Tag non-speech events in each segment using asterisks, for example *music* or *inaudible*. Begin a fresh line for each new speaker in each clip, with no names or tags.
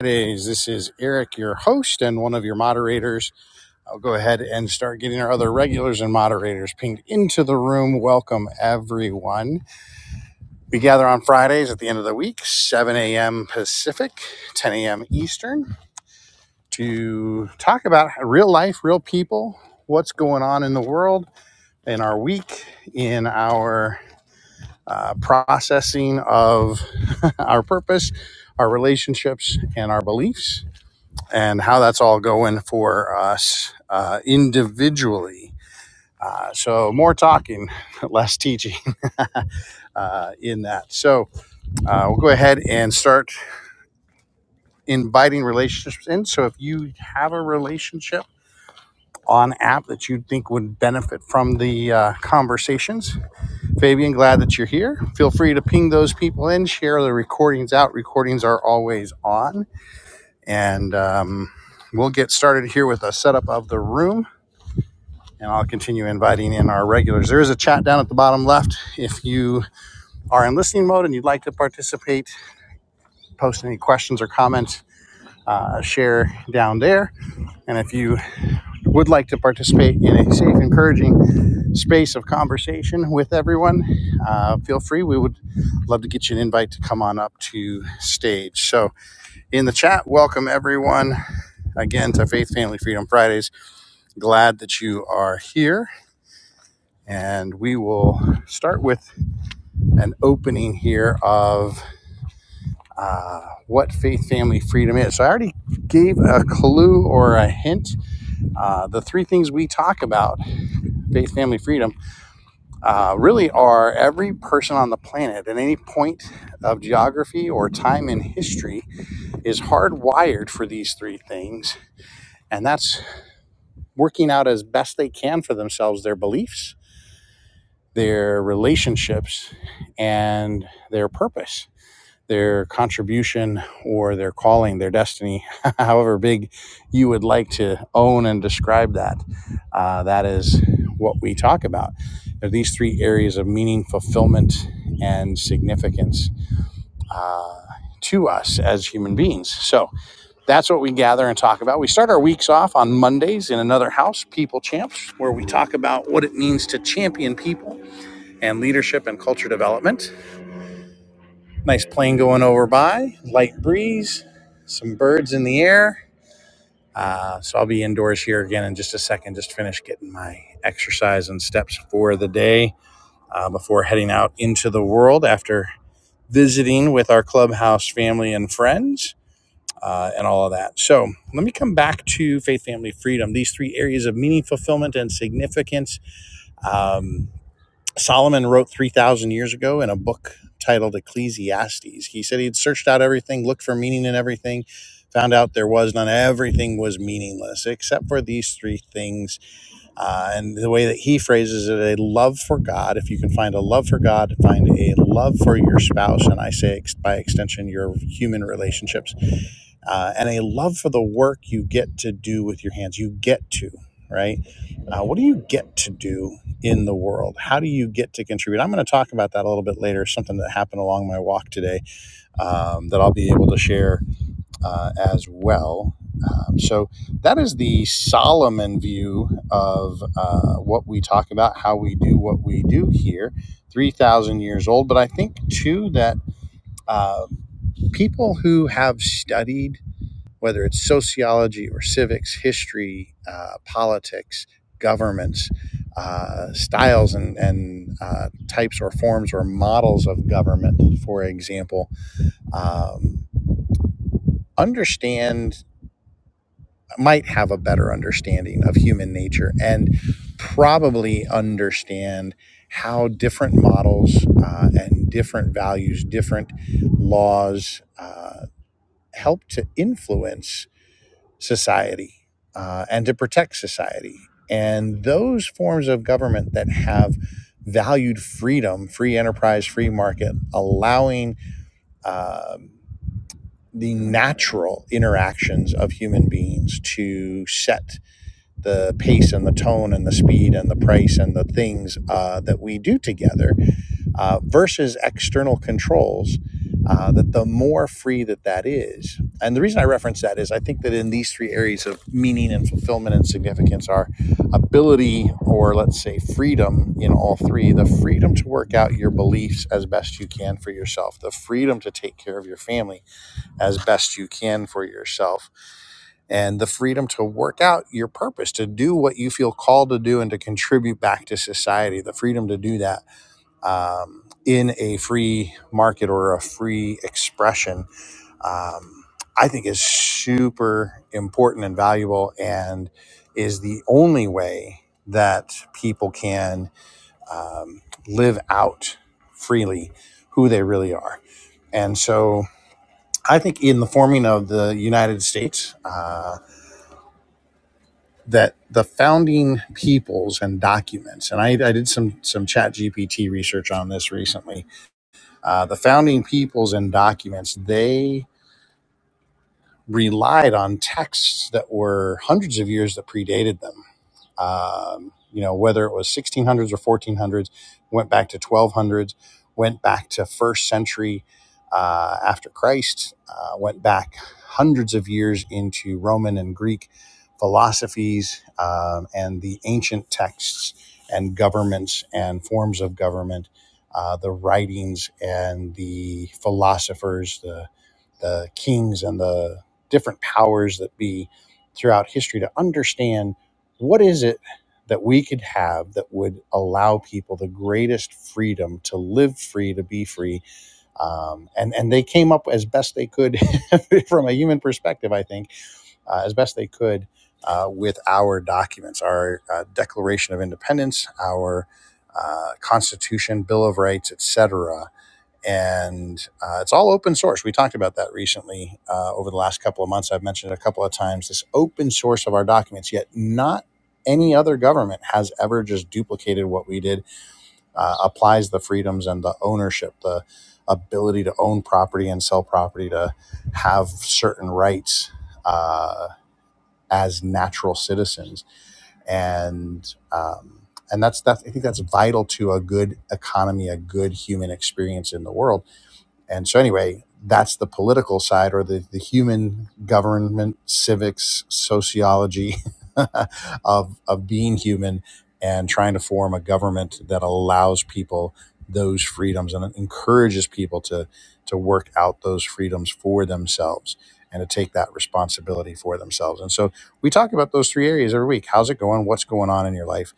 Today's This is Eric, your host and one of your moderators. I'll go ahead and start getting our other regulars and moderators pinged into the room. Welcome, everyone. We gather on Fridays at the end of the week, 7 a.m. Pacific, 10 a.m. Eastern, to talk about real life, real people, what's going on in the world, in our week, in our uh, processing of *laughs* our purpose, our relationships, and our beliefs and how that's all going for us uh, individually. Uh, so, more talking, *laughs* less teaching uh, in that. So, uh, we'll go ahead and start inviting relationships in. So, if you have a relationship on app that you think would benefit from the uh, conversations, Fabian, glad that you're here. Feel free to ping those people in, share the recordings out. Recordings are always on. And um, we'll get started here with a setup of the room and I'll continue inviting in our regulars. There is a chat down at the bottom left. If you are in listening mode and you'd like to participate, post any questions or comments, uh, share down there. And if you would like to participate in a safe, encouraging space of conversation with everyone, uh, feel free. We would love to get you an invite to come on up to stage. So, in the chat, welcome everyone again to Faith, Family, Freedom Fridays. Glad that you are here. And we will start with an opening here of uh, what faith, family, freedom is. So I already gave a clue or a hint. Uh, the three things we talk about, faith, family, freedom, uh, really are every person on the planet at any point of geography or time in history is hardwired for these three things. And that's working out as best they can for themselves their beliefs, their relationships, and their purpose their contribution or their calling, their destiny, *laughs* however big you would like to own and describe that. Uh, that is what we talk about. There are these three areas of meaning, fulfillment, and significance uh, to us as human beings. So that's what we gather and talk about. We start our weeks off on Mondays in another house, People Champs, where we talk about what it means to champion people and leadership and culture development. Nice plane going over by, light breeze, some birds in the air. Uh, so I'll be indoors here again in just a second, just finish getting my exercise and steps for the day uh, before heading out into the world after visiting with our clubhouse family and friends. Uh, and all of that. So let me come back to faith, family, freedom, these three areas of meaning, fulfillment, and significance. Um, Solomon wrote 3,000 years ago in a book titled Ecclesiastes. He said he'd searched out everything, looked for meaning in everything, found out there was none. Everything was meaningless except for these three things. Uh, and the way that he phrases it, a love for God. If you can find a love for God, find a love for your spouse. And I say, ex- by extension, your human relationships uh, and a love for the work you get to do with your hands. You get to, right? Uh, what do you get to do in the world? How do you get to contribute? I'm going to talk about that a little bit later, something that happened along my walk today um, that I'll be able to share uh, as well. Um, so, that is the Solomon view of uh, what we talk about, how we do what we do here, 3,000 years old. But I think, too, that uh, people who have studied whether it's sociology or civics, history, uh, politics, governments, uh, styles and, and uh, types or forms or models of government, for example, um, understand, might have a better understanding of human nature and probably understand how different models uh, and different values, different laws uh, help to influence society uh, and to protect society. And those forms of government that have valued freedom, free enterprise, free market, allowing um the natural interactions of human beings to set the pace and the tone and the speed and the price and the things uh, that we do together uh, versus external controls, uh, that the more free that that is. And the reason I reference that is I think that in these three areas of meaning and fulfillment and significance, our ability, or let's say freedom in all three, the freedom to work out your beliefs as best you can for yourself, the freedom to take care of your family as best you can for yourself, and the freedom to work out your purpose, to do what you feel called to do and to contribute back to society, the freedom to do that um, in a free market or a free expression, um, I think is super important and valuable and is the only way that people can um, live out freely who they really are. And so I think in the forming of the United States, uh, that the founding peoples and documents, and I, I did some some chat GPT research on this recently, Uh, the founding peoples and documents, they relied on texts that were hundreds of years that predated them um, you know, whether it was 1600s or 1400s, went back to 1200s, went back to first century uh, after Christ, uh, went back hundreds of years into Roman and Greek philosophies um, and the ancient texts and governments and forms of government, uh, the writings and the philosophers, the the kings and the different powers that be throughout history to understand what is it that we could have that would allow people the greatest freedom to live free to be free um, and and they came up as best they could *laughs* from a human perspective i think uh, as best they could uh, with our documents our uh, declaration of independence our uh, constitution bill of rights etc and uh, it's all open source. We talked about that recently uh, over the last couple of months. I've mentioned it a couple of times. This open source of our documents, yet not any other government has ever just duplicated what we did. Uh, applies the freedoms and the ownership, the ability to own property and sell property, to have certain rights uh, as natural citizens, and um, and that's that. I think that's vital to a good economy, a good human experience in the world and so, anyway, that's the political side or the, the human government, civics, sociology *laughs* of, of being human and trying to form a government that allows people those freedoms and encourages people to, to work out those freedoms for themselves and to take that responsibility for themselves. And so we talk about those three areas every week. How's it going? What's going on in your life?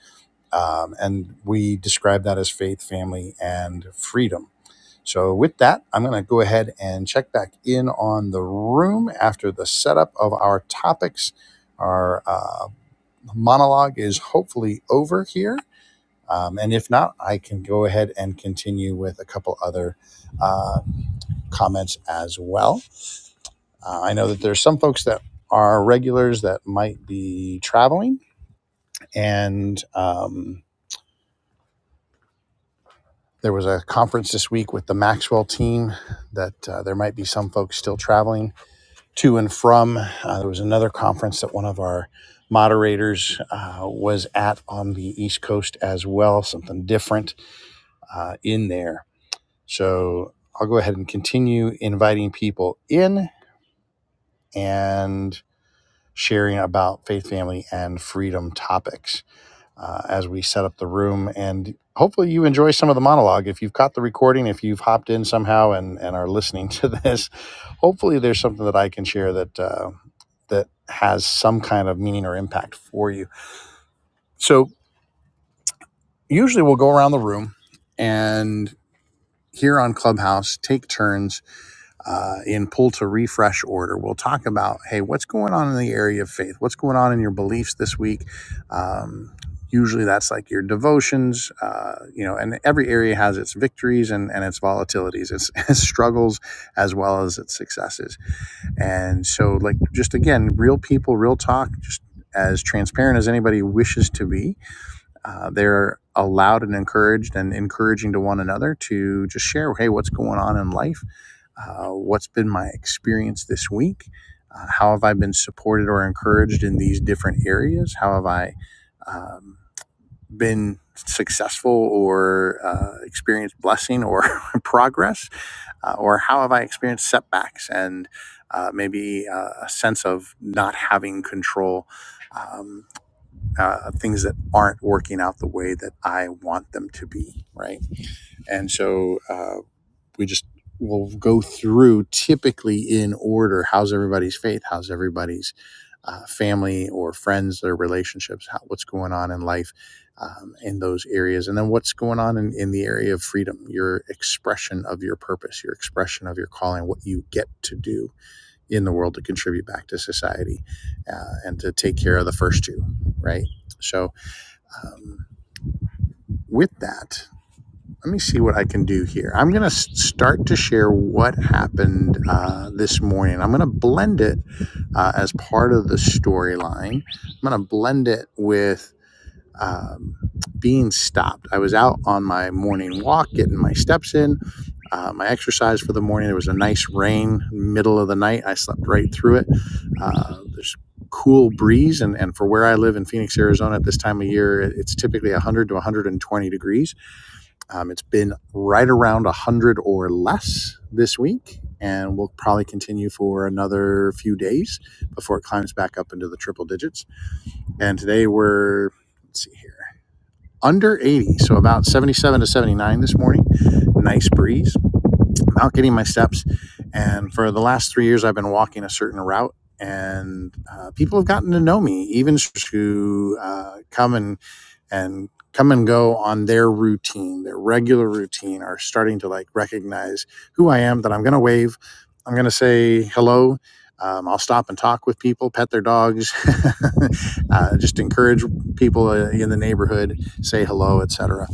Um, and we describe that as faith, family, and freedom so, with that, I'm going to go ahead and check back in on the room after the setup of our topics. Our uh, monologue is hopefully over here. Um, and if not, I can go ahead and continue with a couple other uh, comments as well. Uh, I know that there's some folks that are regulars that might be traveling, and um, there was a conference this week with the Maxwell team that uh, there might be some folks still traveling to and from. Uh, there was another conference that one of our moderators uh, was at on the East Coast as well, something different uh, in there. So I'll go ahead and continue inviting people in and sharing about faith, family, and freedom topics uh, as we set up the room. And hopefully, you enjoy some of the monologue. If you've caught the recording, if you've hopped in somehow and, and are listening *laughs* to this, hopefully, there's something that I can share that uh, that has some kind of meaning or impact for you. So usually, we'll go around the room and here on Clubhouse, take turns uh, in pull to refresh order. We'll talk about hey, what's going on in the area of faith? What's going on in your beliefs this week? Um, usually that's like your devotions, uh, you know, and every area has its victories and, and its volatilities, its, *laughs* its struggles, as well as its successes. And so, like, just again, real people, real talk, just as transparent as anybody wishes to be. Uh, they're allowed and encouraged and encouraging to one another to just share, hey, what's going on in life? uh, what's been my experience this week? Uh, how have I been supported or encouraged in these different areas? How have I um, been successful or uh, experienced blessing or *laughs* progress? Uh, or how have I experienced setbacks and uh, maybe uh, a sense of not having control? Um, uh, things that aren't working out the way that I want them to be, right? And so, uh, we just will go through typically in order how's everybody's faith how's everybody's uh, family or friends their relationships how, what's going on in life um, in those areas and then what's going on in, in the area of freedom your expression of your purpose your expression of your calling what you get to do in the world to contribute back to society uh, and to take care of the first two right so um, with that let me see what I can do here. I'm going to start to share what happened uh, this morning. I'm going to blend it uh, as part of the storyline. I'm going to blend it with um, being stopped. I was out on my morning walk, getting my steps in, uh, my exercise for the morning. There was a nice rain middle of the night. I slept right through it. Uh, there's cool breeze and, and for where i live in phoenix arizona at this time of year it's typically 100 to 120 degrees um, it's been right around 100 or less this week, and we will probably continue for another few days before it climbs back up into the triple digits. And today we're, let's see here, under 80, so about 77 to 79 this morning. Nice breeze. I'm out getting my steps, and for the last three years, I've been walking a certain route. And uh, people have gotten to know me, even who uh, come and and come and go on their routine, their regular routine, are starting to like recognize who I am, that I'm going to wave, I'm going to say hello. Um, I'll stop and talk with people, pet their dogs, *laughs* uh, just encourage people uh, in the neighborhood, say hello, etc.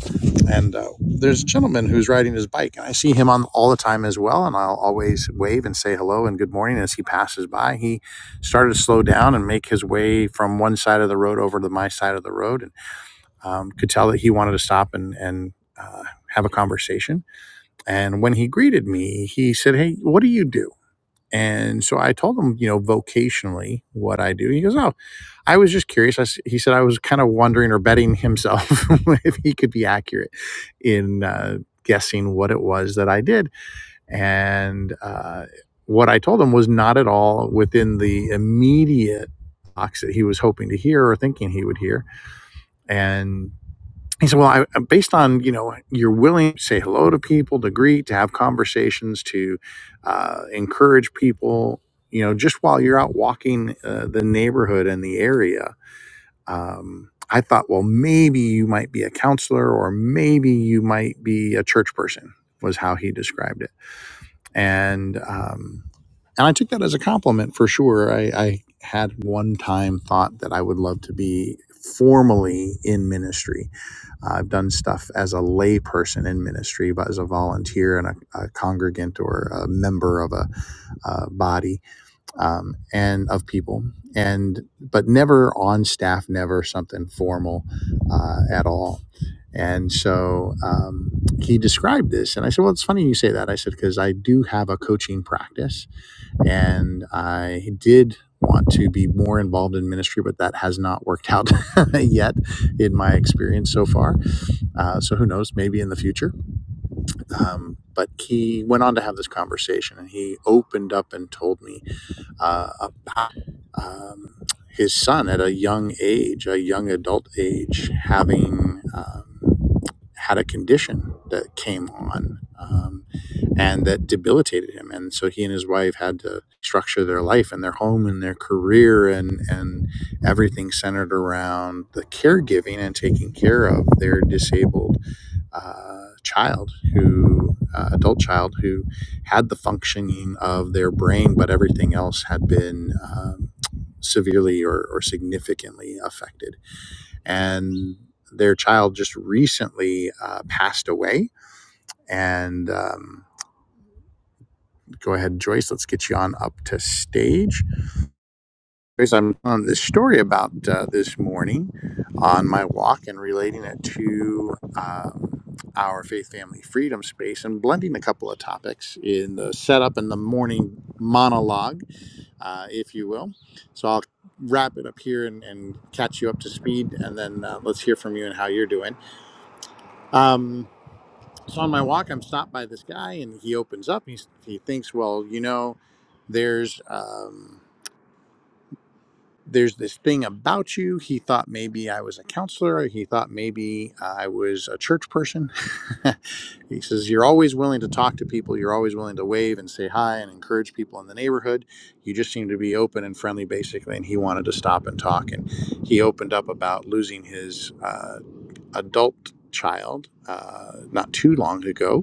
And uh, there's a gentleman who's riding his bike, and I see him on all the time as well. And I'll always wave and say hello and good morning as he passes by. He started to slow down and make his way from one side of the road over to my side of the road, um, could tell that he wanted to stop and and uh, have a conversation. And when he greeted me, he said, "Hey, what do you do?" And so I told him, you know, vocationally what I do. He goes, "Oh, I was just curious." I s he said, "I was kind of wondering or betting himself *laughs* if he could be accurate in uh, guessing what it was that I did." And uh, what I told him was not at all within the immediate box that he was hoping to hear or thinking he would hear and he said, "Well, I, uh, based on you know you're willing to say hello to people, to greet, to have conversations, to uh, encourage people, you know, just while you're out walking uh, the neighborhood and the area." Um, I thought, well, maybe you might be a counselor, or maybe you might be a church person. Was how he described it, and um, and I took that as a compliment for sure. I, I had one time thought that I would love to be formally in ministry I've done stuff as a lay person in ministry, but as a volunteer and a, a congregant or a member of a, uh body um, and of people, and but never on staff, never something formal uh, at all. And so um, he described this, and I said, "Well, it's funny you say that." I said because I do have a coaching practice, and I did want to be more involved in ministry, but that has not worked out *laughs* yet in my experience so far uh, so who knows? Maybe in the future. Um, but he went on to have this conversation, and he opened up and told me uh, about um, his son at a young age, a young adult age, having um, had a condition that came on um, and that debilitated him, and so he and his wife had to structure their life and their home and their career and and everything centered around the caregiving and taking care of their disabled uh, child who uh, adult child who had the functioning of their brain but everything else had been um, severely or, or significantly affected and their child just recently uh, passed away and um, go ahead joyce let's get you on up to stage I'm on this story about uh, this morning on my walk and relating it to um, our faith, family, freedom space and blending a couple of topics in the setup and the morning monologue, uh, if you will. So I'll wrap it up here and, and catch you up to speed, and then uh, let's hear from you and how you're doing. Um, so on my walk, I'm stopped by this guy, and he opens up. He, he thinks, well, you know, there's. Um, there's this thing about you. He thought maybe I was a counselor. He thought maybe I was a church person. *laughs* he says, You're always willing to talk to people. You're always willing to wave and say hi and encourage people in the neighborhood. You just seem to be open and friendly, basically. And he wanted to stop and talk. And he opened up about losing his uh, adult child uh, not too long ago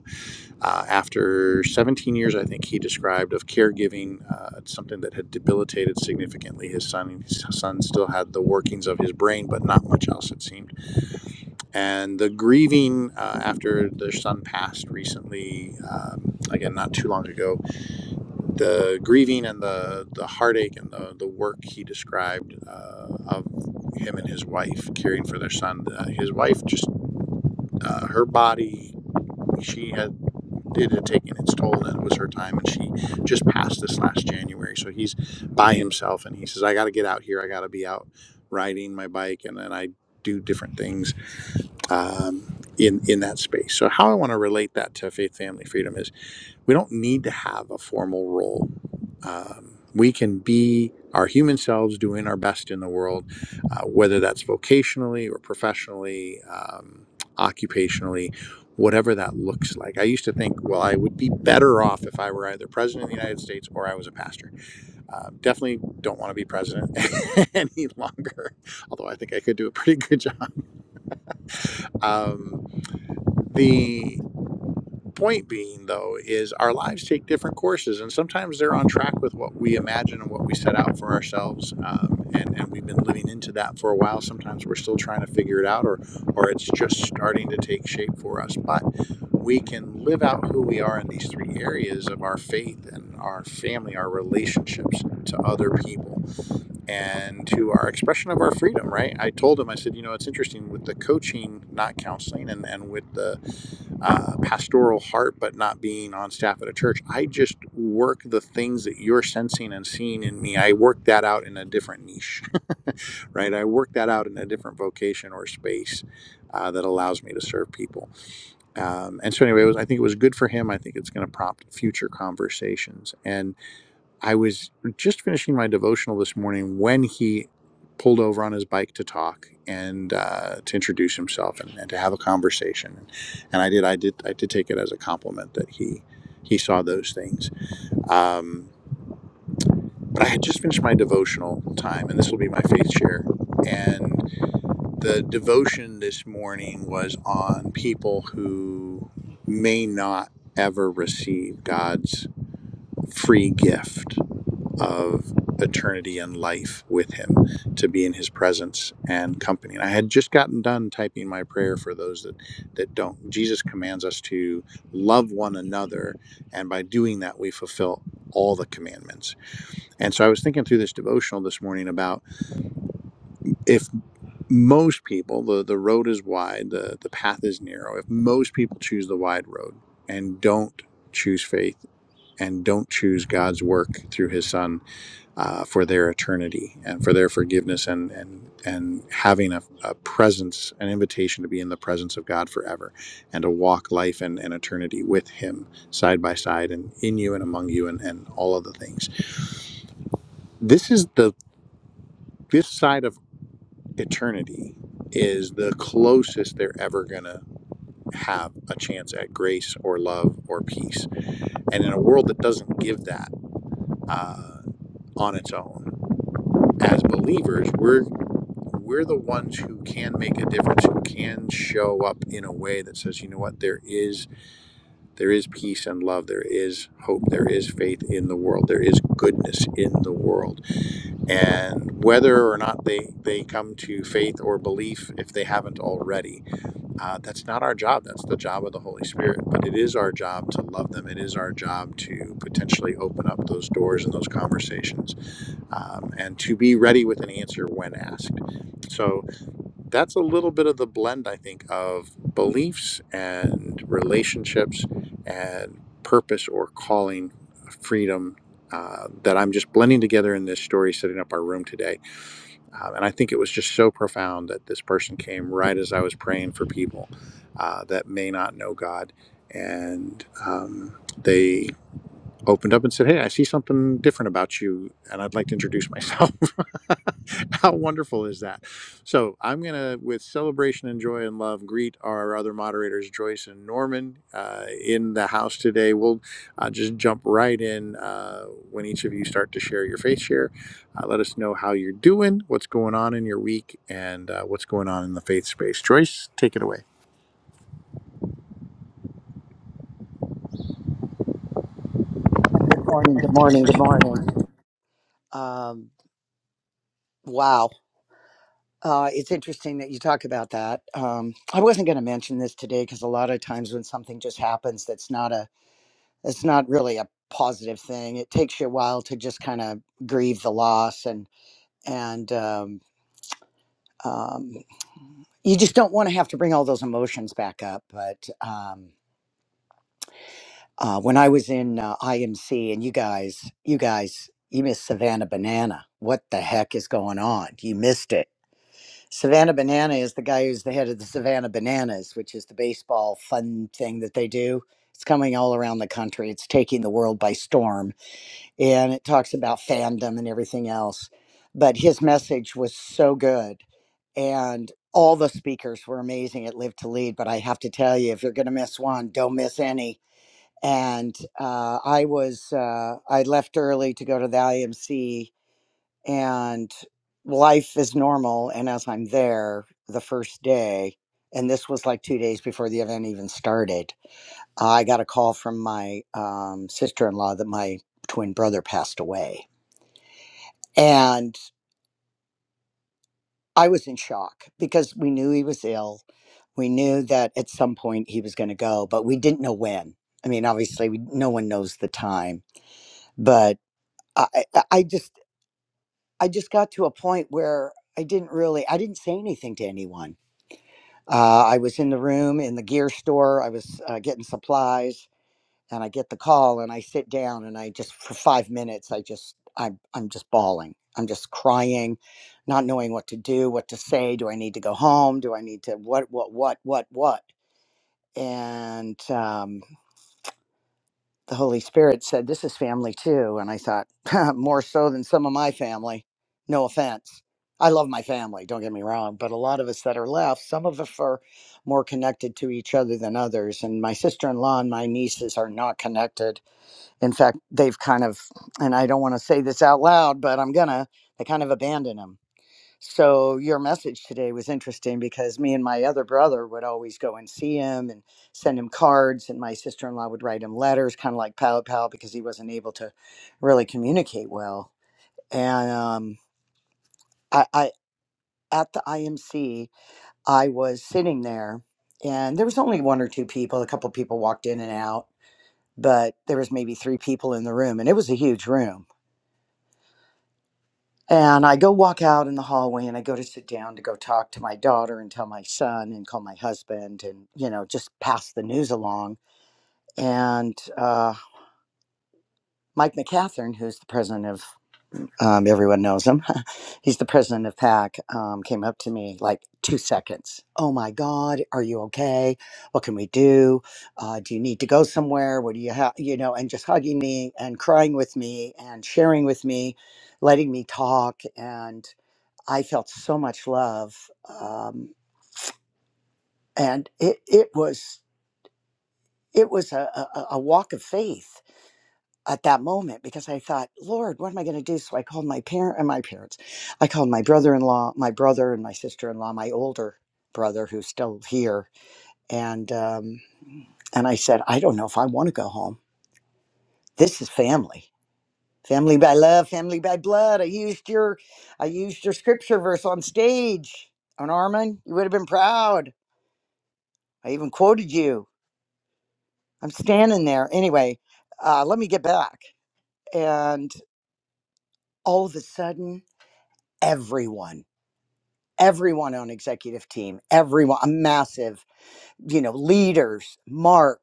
uh, after 17 years, I think he described of caregiving uh, something that had debilitated significantly his son. His son still had the workings of his brain, but not much else, it seemed. And the grieving uh, after their son passed recently, um, again, not too long ago, the grieving and the, the heartache and the, the work he described uh, of him and his wife caring for their son. Uh, his wife just uh, her body she had it had taken its toll and it was her time and she just passed this last january so he's by himself and he says i got to get out here i got to be out riding my bike and then i do different things um, in in that space so how i want to relate that to faith family freedom is we don't need to have a formal role. Um, we can be our human selves doing our best in the world, uh, whether that's vocationally or professionally, um, occupationally, whatever that looks like. I used to think, well, I would be better off if I were either president of the United States or I was a pastor. Uh, definitely don't want to be president *laughs* any longer, although I think I could do a pretty good *laughs* job. Um, the Point being, though, is our lives take different courses, and sometimes they're on track with what we imagine and what we set out for ourselves. Um, and, and we've been living into that for a while. Sometimes we're still trying to figure it out, or, or it's just starting to take shape for us. But we can live out who we are in these three areas of our faith and our family, our relationships to other people, and to our expression of our freedom, right? I told him, I said, you know, it's interesting with the coaching, not counseling, and, and with the uh, pastoral heart, but not being on staff at a church. I just work the things that you're sensing and seeing in me. I work that out in a different niche, *laughs* right? I work that out in a different vocation or space uh, that allows me to serve people. Um, and so, anyway, it was, I think it was good for him. I think it's going to prompt future conversations. And. I was just finishing my devotional this morning when he pulled over on his bike to talk and uh, to introduce himself and, and to have a conversation. And I did, I did, I did take it as a compliment that he he saw those things. Um, but I had just finished my devotional time, and this will be my faith share. And the devotion this morning was on people who may not ever receive God's free gift of eternity and life with him to be in his presence and company and i had just gotten done typing my prayer for those that that don't jesus commands us to love one another and by doing that we fulfill all the commandments and so i was thinking through this devotional this morning about if most people the, the road is wide the, the path is narrow if most people choose the wide road and don't choose faith and don't choose god's work through his son uh, for their eternity and for their forgiveness and and and having a, a presence, an invitation to be in the presence of God forever and to walk life and, and eternity with Him side by side and in you and among you and, and all of the things. This is the this side of eternity is the closest they're ever gonna have a chance at grace or love or peace. And in a world that doesn't give that uh, on its own, as believers, we're we're the ones who can make a difference who can show up in a way that says you know what there is there is peace and love there is hope there is faith in the world there is goodness in the world and whether or not they they come to faith or belief if they haven't already uh, that's not our job that's the job of the holy spirit but it is our job to love them it is our job to potentially open up those doors and those conversations um, and to be ready with an answer when asked so that's a little bit of the blend, I think, of beliefs and relationships and purpose or calling, uh, freedom uh, that I'm just blending together in this story, setting up our room today. Um, and I think it was just so profound that this person came right as I was praying for people uh, that may not know God. And um, they opened up and said, Hey, I see something different about you, and I'd like to introduce myself. *laughs* How wonderful is that? So, I'm going to, with celebration and joy and love, greet our other moderators, Joyce and Norman, uh, in the house today. We'll uh, just jump right in uh, when each of you start to share your faith share. Uh, let us know how you're doing, what's going on in your week, and uh, what's going on in the faith space. Joyce, take it away.
Good morning. Good morning. Good morning. Um, wow. Uh, it's interesting that you talk about that. Um, I wasn't going to mention this today because a lot of times when something just happens, that's not a, that's not really a positive thing. It takes you a while to just kind of grieve the loss and, and, um, um, you just don't want to have to bring all those emotions back up. But, um, uh, when I was in uh, IMC and you guys, you guys, you missed Savannah Banana. What the heck is going on? You missed it Savannah Banana is the guy who's the head of the Savannah Bananas, which is the baseball fun thing that they do. It's coming all around the country. It's taking the world by storm. And it talks about fandom and everything else. But his message was so good. And all the speakers were amazing at Live to Lead. But I have to tell you, if you're going to miss one, don't miss any. And uh, I was, uh, I left early to go to the IMC and life is normal and as i'm there the first day and this was like two days before the event even started i got a call from my um, sister-in-law that my twin brother passed away and i was in shock because we knew he was ill we knew that at some point he was going to go but we didn't know when i mean obviously we, no one knows the time but I, I I just i just got to a point where i didn't really i didn't say anything to anyone Uh, I was in the room in the gear store. I was uh, getting supplies, and I get the call, and I sit down, and I just for five minutes, I just I'm I'm just bawling. I'm just crying, not knowing what to do, what to say. Do I need to go home? Do I need to what what what what what? And um, the Holy Spirit said, This is family too. And I thought, *laughs* More so than some of my family. No offense. I love my family, don't get me wrong. But a lot of us that are left, some of us are more connected to each other than others. And my sister in law and my nieces are not connected. In fact, they've kind of, and I don't want to say this out loud, but I'm going to, they kind of abandon him so your message today was interesting because me and my other brother would always go and see him and send him cards, and my sister in law would write him letters, kind of like pal pal, because he wasn't able to really communicate well. And um, I, I at the IMC, I was sitting there, and there was only one or two people. A couple people walked in and out, but there was maybe three people in the room, and it was a huge room And I go walk out in the hallway and I go to sit down to go talk to my daughter and tell my son and call my husband and, you know, just pass the news along. And uh, Mike McCatherine, who's the president of, um, everyone knows him, *laughs* he's the president of PAC, um, came up to me like two seconds. Oh my God, are you okay? What can we do? Uh, do you need to go somewhere? What do you have? You know, and just hugging me and crying with me and sharing with me, letting me talk. And I felt so much love, um, and it it was it was a, a, a walk of faith at that moment because I thought, Lord, what am I going to do? So I called my parent and my parents. I called my brother-in-law, my brother and my sister-in-law, my older brother who's still here, and um, and I said, I don't know if I want to go home. This is family. Family by love, family by blood. I used your I used your scripture verse on stage. On Armin, you would have been proud I even quoted you. I'm standing there. Anyway, uh, let me get back. And all of a sudden, everyone, everyone on executive team, everyone, a massive, you know, leaders, Mark,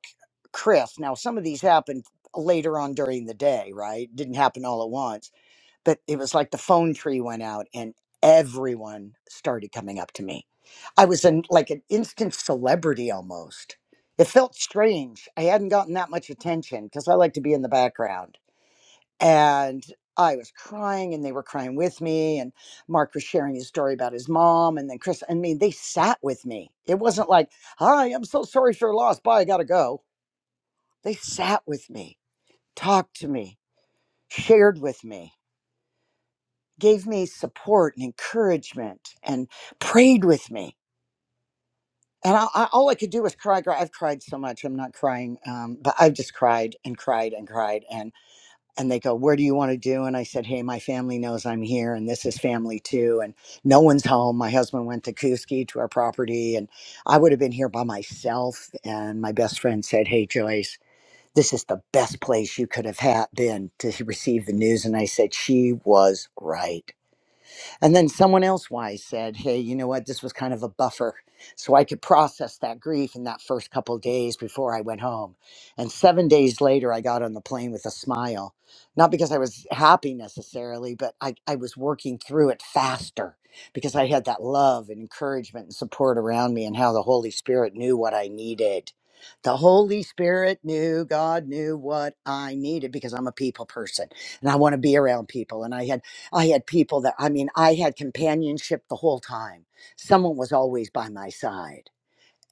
Chris. Now, some of these happened later on during the day, right? Didn't happen all at once but it was like the phone tree went out and everyone started coming up to me. I was in like an instant celebrity almost. It felt strange. I hadn't gotten that much attention because I like to be in the background. And I was crying and they were crying with me. And Mark was sharing his story about his mom. And then Chris, I mean, they sat with me. It wasn't like, hi, I'm so sorry for your loss. Bye, I gotta go. They sat with me, talked to me, shared with me gave me support and encouragement and prayed with me. And I, I, all I could do was cry, cry. I've cried so much. I'm not crying, um, but I've just cried and cried and cried. And and they go, "Where do you want to do?" And I said, "Hey, my family knows I'm here, and this is family too. And no one's home. My husband went to Kuski to our property, and I would have been here by myself. And my best friend said, "Hey, Joyce." This is the best place you could have had been to receive the news. And I said, She was right. And then someone else wise said, Hey, you know what? This was kind of a buffer. So I could process that grief in that first couple of days before I went home. And seven days later, I got on the plane with a smile. Not because I was happy necessarily, but I, I was working through it faster because I had that love and encouragement and support around me and how the Holy Spirit knew what I needed. The Holy Spirit knew, God knew what I needed because I'm a people person and I want to be around people. And I had I had people that, I mean, I had companionship the whole time. Someone was always by my side.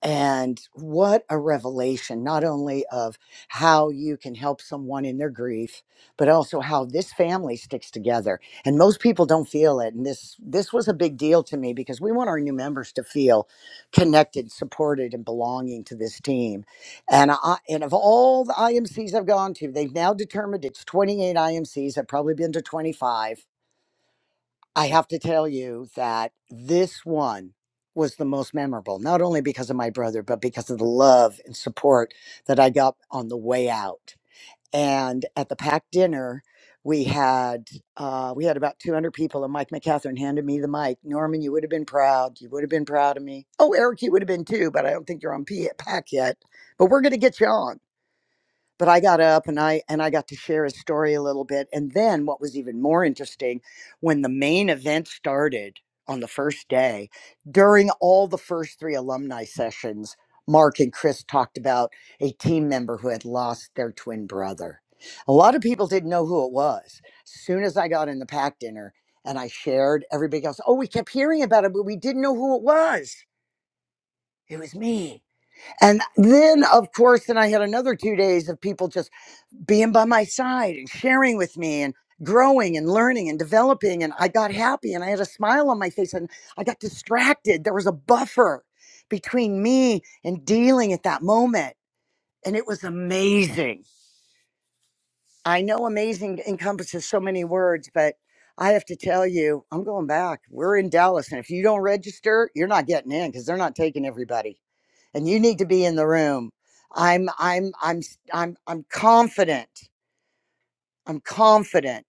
And what a revelation, not only of how you can help someone in their grief, but also how this family sticks together. And most people don't feel it. And this, this was a big deal to me because we want our new members to feel connected, supported, and belonging to this team. And I, and of all the IMCs I've gone to, they've now determined it's 28 IMCs. I've probably been to 25 I have to tell you that this one was the most memorable, not only because of my brother, but because of the love and support that I got on the way out. And at the packed dinner, we had uh, we had about 200 people, and Mike McCatherine handed me the mic. Norman, you would have been proud. You would have been proud of me. Oh, Eric, you would have been too, but I don't think you're on P- pack yet. But we're going to get you on but I got up and I and I got to share his story a little bit. And then what was even more interesting, when the main event started on the first day, during all the first three alumni sessions, Mark and Chris talked about a team member who had lost their twin brother. A lot of people didn't know who it was. As Soon as I got in the pack dinner and I shared, everybody else, oh, we kept hearing about it, but we didn't know who it was. It was me. And then, of course, then I had another two days of people just being by my side and sharing with me and growing and learning and developing. And I got happy and I had a smile on my face and I got distracted. There was a buffer between me and dealing at that moment. And it was amazing. I know amazing encompasses so many words, but I have to tell you, I'm going back. We're in Dallas. And if you don't register, you're not getting in because they're not taking everybody. And you need to be in the room. I'm I'm I'm am i I'm I'm confident. I'm confident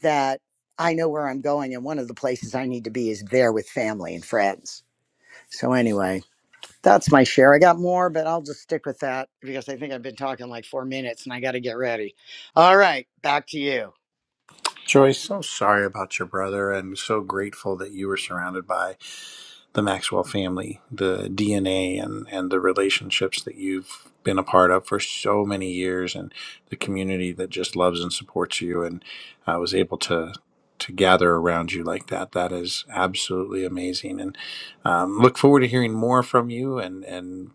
that I know where I'm going, and one of the places I need to be is there with family and friends. So, anyway, that's my share. I got more, but I'll just stick with that because I think I've been talking like four minutes and I got to get ready. All right, back to you.
Joyce, so sorry about your brother and so grateful that you were surrounded by the Maxwell family, the DNA and, and the relationships that you've been a part of for so many years and the community that just loves and supports you and I was able to to gather around you like that. That is absolutely amazing. And um, look forward to hearing more from you and, and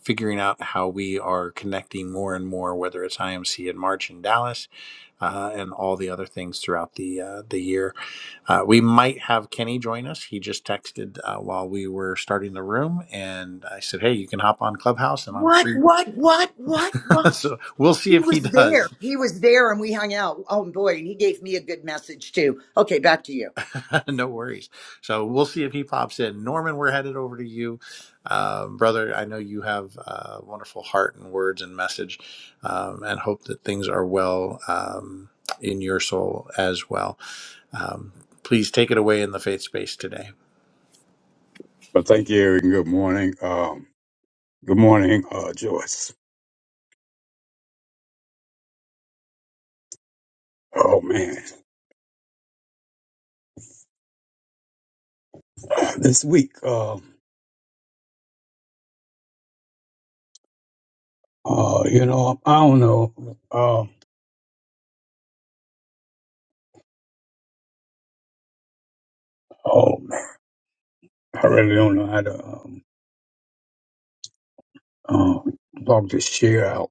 figuring out how we are connecting more and more, whether it's IMC in March in Dallas uh, and all the other things throughout the uh, the year uh, we might have Kenny join us. He just texted uh, while we were starting the room, and I said, "Hey, you can hop on Clubhouse, and I'm
What,
free."
what, what, what, what?
*laughs* so we'll see
He
if he
was there.
does.
He was there, and we hung out. Oh, boy. And he gave me a good message, too. Okay, back to you.
*laughs* no worries. So we'll see if he pops in. Norman, we're headed over to you, um, brother. I know you have a wonderful heart and words and message, um, and hope that things are well um, in your soul as well. Um, please take it away in the faith space today,
But thank you, Eric, and good morning. Um, good morning, uh, Joyce. Oh man, uh, this week, um, uh, you know, I don't know. Um, oh man, I really don't know how to um, um talk this share out.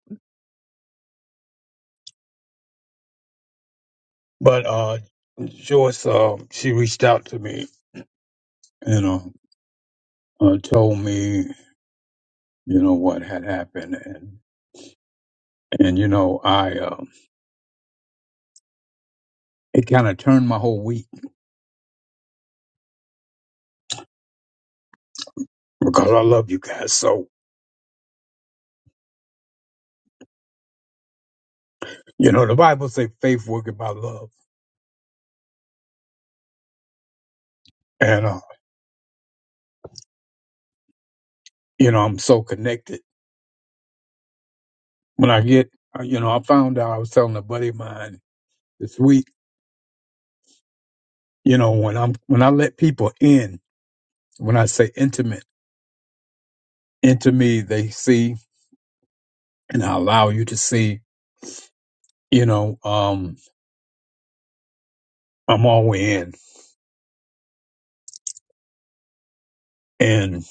But uh, Joyce, um, she reached out to me, you know, uh, told me, you know, what had happened, and and you know, I um, it kind of turned my whole week because I love you guys. So you know, the Bible say faith working by love. and. you know, I'm so connected. When I get, uh, you know, I found out I was telling a buddy of mine this week, you know, when I'm, when I let people in, when I say intimate, into me, they see and I allow you to see, you know, um, I'm all in. And,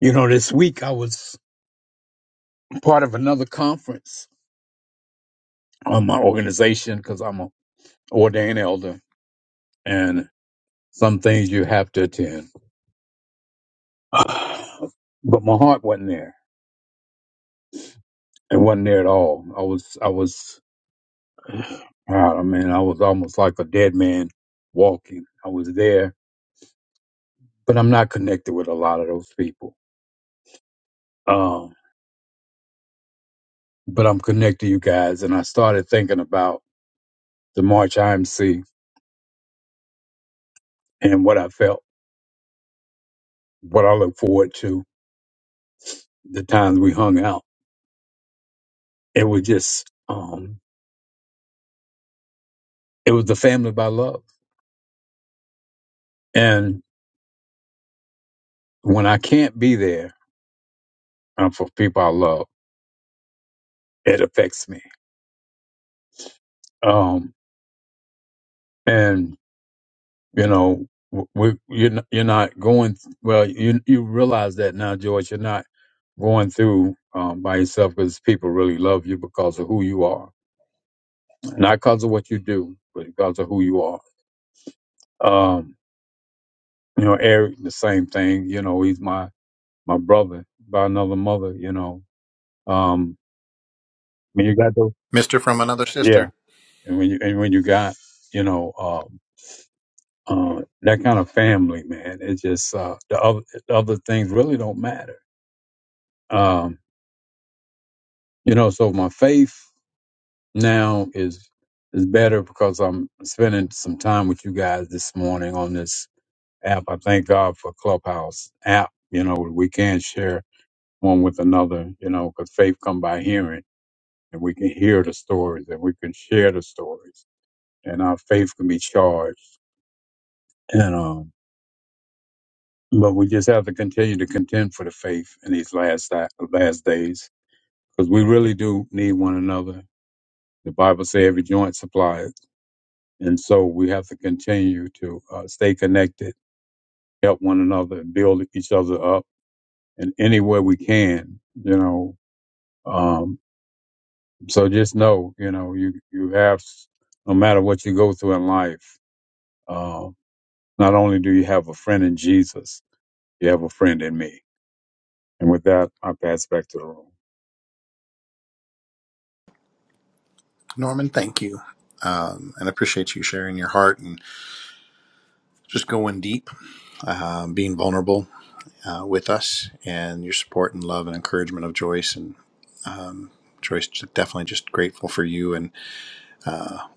you know, this week I was part of another conference on my organization because I'm an ordained elder and some things you have to attend. *sighs* But my heart wasn't there. It wasn't there at all. I was, I was God, I mean, I was almost like a dead man walking. I was there, but I'm not connected with a lot of those people. Um, but I'm connected to you guys, and I started thinking about the March IMC and what I felt, what I look forward to, the times we hung out. It was just, um, it was the family by love. And when I can't be there um, for people I love, it affects me. Um, and you know w- we you're not, you're not going th- well you you realize that now george you're not going through um, by yourself because people really love you because of who you are not because of what you do but because of who you are um you know eric the same thing you know he's my my brother by another mother you know um when you got those
Mister from another
yeah
sister.
and when you and when you got you know um uh, that kind of family man it's just uh the other the other things really don't matter Um, You know, so my faith now is is better because I'm spending some time with you guys this morning on this app. I thank God for Clubhouse app. You know, we can share one with another. You know, because faith come by hearing, and we can hear the stories, and we can share the stories, and our faith can be charged. And um, but we just have to continue to contend for the faith in these last di- last days because we really do need one another. The Bible says every joint supplies. And so we have to continue to uh, stay connected, help one another, build each other up in any way we can, you know. Um, so just know, you know, you, you have, no matter what you go through in life, uh, not only do you have a friend in Jesus, you have a friend in me. And with that, I pass back to the room.
Norman, thank you. Um, and I appreciate you sharing your heart and just going deep, um, being vulnerable uh, with us, and your support and love and encouragement of Joyce. And um, Joyce, just definitely just grateful for you and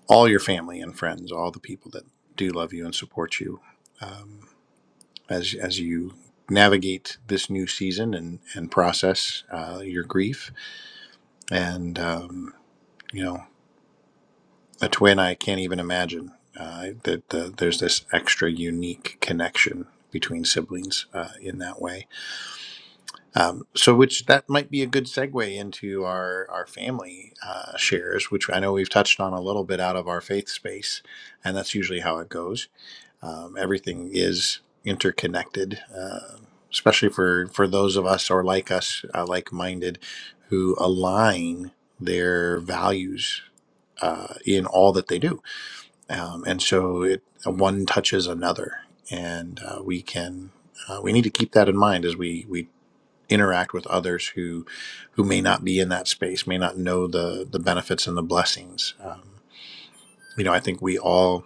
all your family and friends, all the people that do love you and support you um, as as you navigate this new season and and process uh, your grief. And um, you know. a twin I can't even imagine. Uh, that the, there's this extra unique connection between siblings uh, in that way. Um, so, which that might be a good segue into our our family uh, shares, which I know we've touched on a little bit out of our faith space, and that's usually how it goes. Um, everything is interconnected, uh, especially for for those of us or like us, uh, like minded, who align their values uh, in all that they do um, and so it uh, one touches another and uh, we can uh, we need to keep that in mind as we we interact with others who who may not be in that space may not know the the benefits and the blessings um, you know i think we all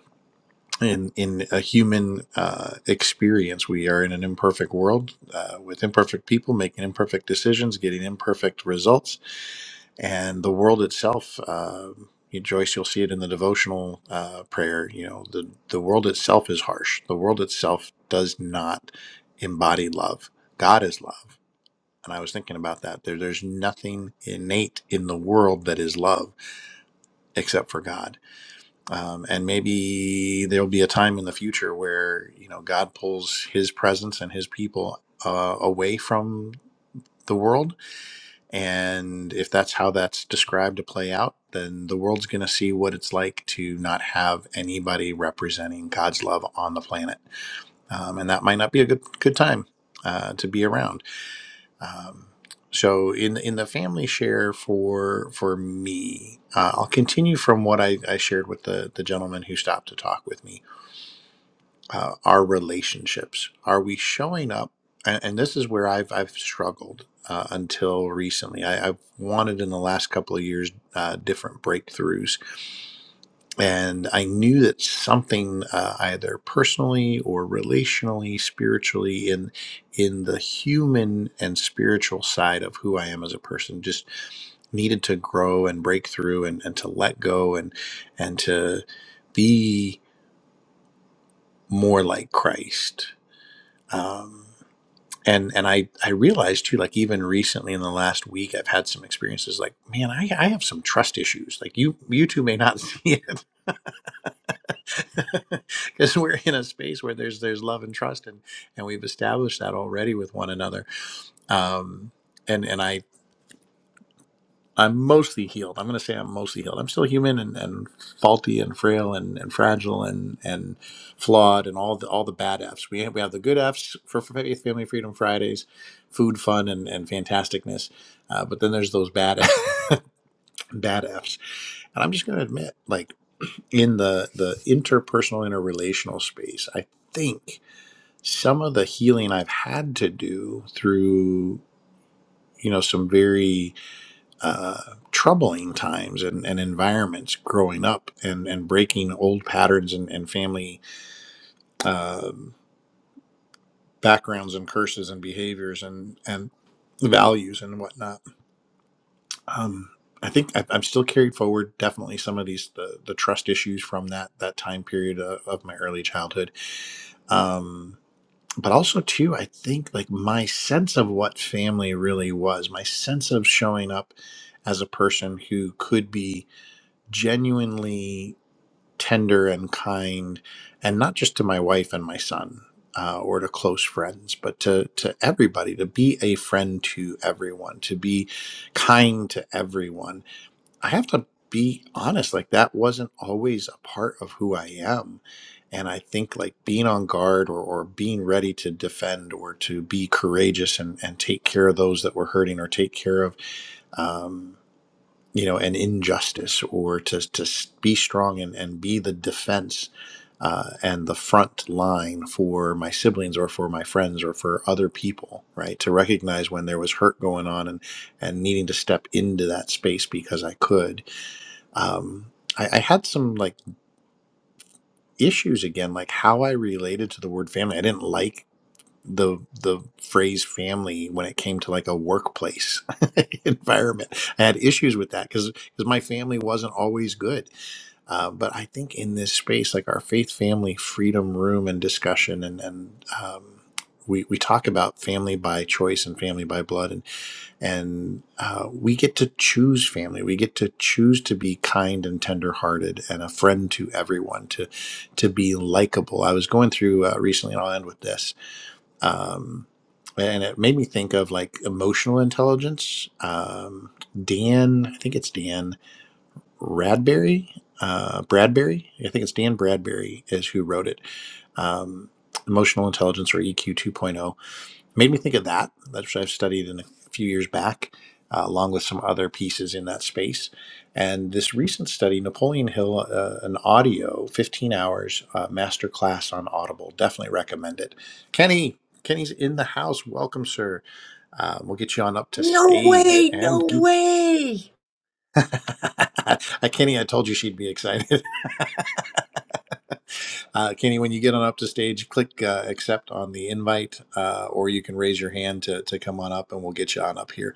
in in a human uh, experience. We are in an imperfect world uh, with imperfect people making imperfect decisions, getting imperfect results, and the world itself. Uh, you, Joyce, you'll see it in the devotional uh, prayer. You know, the the world itself is harsh. The world itself does not embody love. God is love. And I was thinking about that. There, there's nothing innate in the world that is love except for God um, and maybe there'll be a time in the future where you know God pulls His presence and His people uh, away from the world, and if that's how that's described to play out, then the world's going to see what it's like to not have anybody representing God's love on the planet, um, and that might not be a good good time uh, to be around. Um, so in in the family share for for me, uh, I'll continue from what I, I shared with the the gentleman who stopped to talk with me uh, our relationships? Are we showing up? And, and this is where I've I've struggled uh, until recently. I, I've wanted in the last couple of years uh, different breakthroughs, and I knew that something uh, either personally or relationally, spiritually, in in the human and spiritual side of who I am as a person, just needed to grow and break through, and, and to let go, and and to be more like Christ. Um, and and I I realized too, like even recently in the last week, I've had some experiences like, man, I I have some trust issues. Like you you two may not *laughs* see it *laughs* because we're in a space where there's there's love and trust, and and we've established that already with one another. Um, and and I I'm mostly healed. I'm going to say I'm mostly healed. I'm still human and, and faulty and frail and, and fragile and, and flawed and all the all the bad Fs. We have, we have the good Fs for Faith, Family, Freedom Fridays, food, fun, and, and fantasticness. Uh, but then there's those bad *laughs* bad Fs. And I'm just going to admit, like in the the interpersonal, interrelational space, I think some of the healing I've had to do through you know some very uh, troubling times and, and environments growing up and, and breaking old patterns and, and family um backgrounds and curses and behaviors and, and values and whatnot. Um, I think I- I'm still carried forward definitely some of these the, the trust issues from that that time period of, of my early childhood. Um, but also too, I think like my sense of what family really was, my sense of showing up as a person who could be genuinely tender and kind, and not just to my wife and my son uh, or to close friends, but to, to everybody, to be a friend to everyone, to be kind to everyone. I have to be honest, like that wasn't always a part of who I am. And I think like being on guard or, or being ready to defend or to be courageous and, and take care of those that were hurting or take care of. um, you know an injustice or to, to be strong and, and be the defense uh, and the front line for my siblings or for my friends or for other people right to recognize when there was hurt going on and and needing to step into that space because i could um, I, I had some like issues again like how i related to the word family i didn't like the the phrase family when it came to like a workplace *laughs* environment. I had issues with that because because my family wasn't always good. Uh, but I think in this space, like our faith, family, freedom, room, and discussion, and and um, we we talk about family by choice and family by blood, and and uh, we get to choose family. We get to choose to be kind and tender-hearted and a friend to everyone. To to be likable. I was going through uh, recently, and I'll end with this um, and it made me think of like emotional intelligence. Um, Dan, I think it's Dan Radberry, uh, Bradbury. I think it's Dan Bradbury is who wrote it. Um, emotional intelligence or EQ 2.0 point oh made me think of that, which I've studied in a few years back, uh, along with some other pieces in that space. And this recent study, Napoleon Hill, uh, an audio 15 hours uh, master class on Audible. Definitely recommend it. Kenny, Kenny's in the house. Welcome, sir. Uh, we'll get you on up to
No
stage
way,
and.
no way.
*laughs* Kenny, I told you she'd be excited. *laughs* Uh, Kenny, when you get on up to stage, click uh, accept on the invite, uh, or you can raise your hand to, to come on up and we'll get you on up here.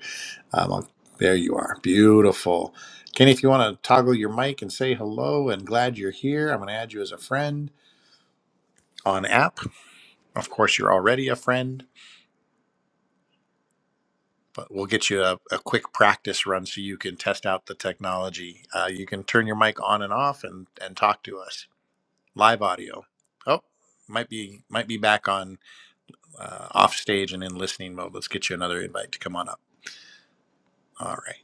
Um, I'll- there you are. Beautiful. Kenny, if you want to toggle your mic and say hello and glad you're here, I'm going to add you as a friend on app. Of course, you're already a friend, but we'll get you a, a quick practice run so you can test out the technology. Uh, you can turn your mic on and off and, and talk to us live audio. Oh, might be might be back on uh, off stage and in listening mode. Let's get you another invite to come on up. All right.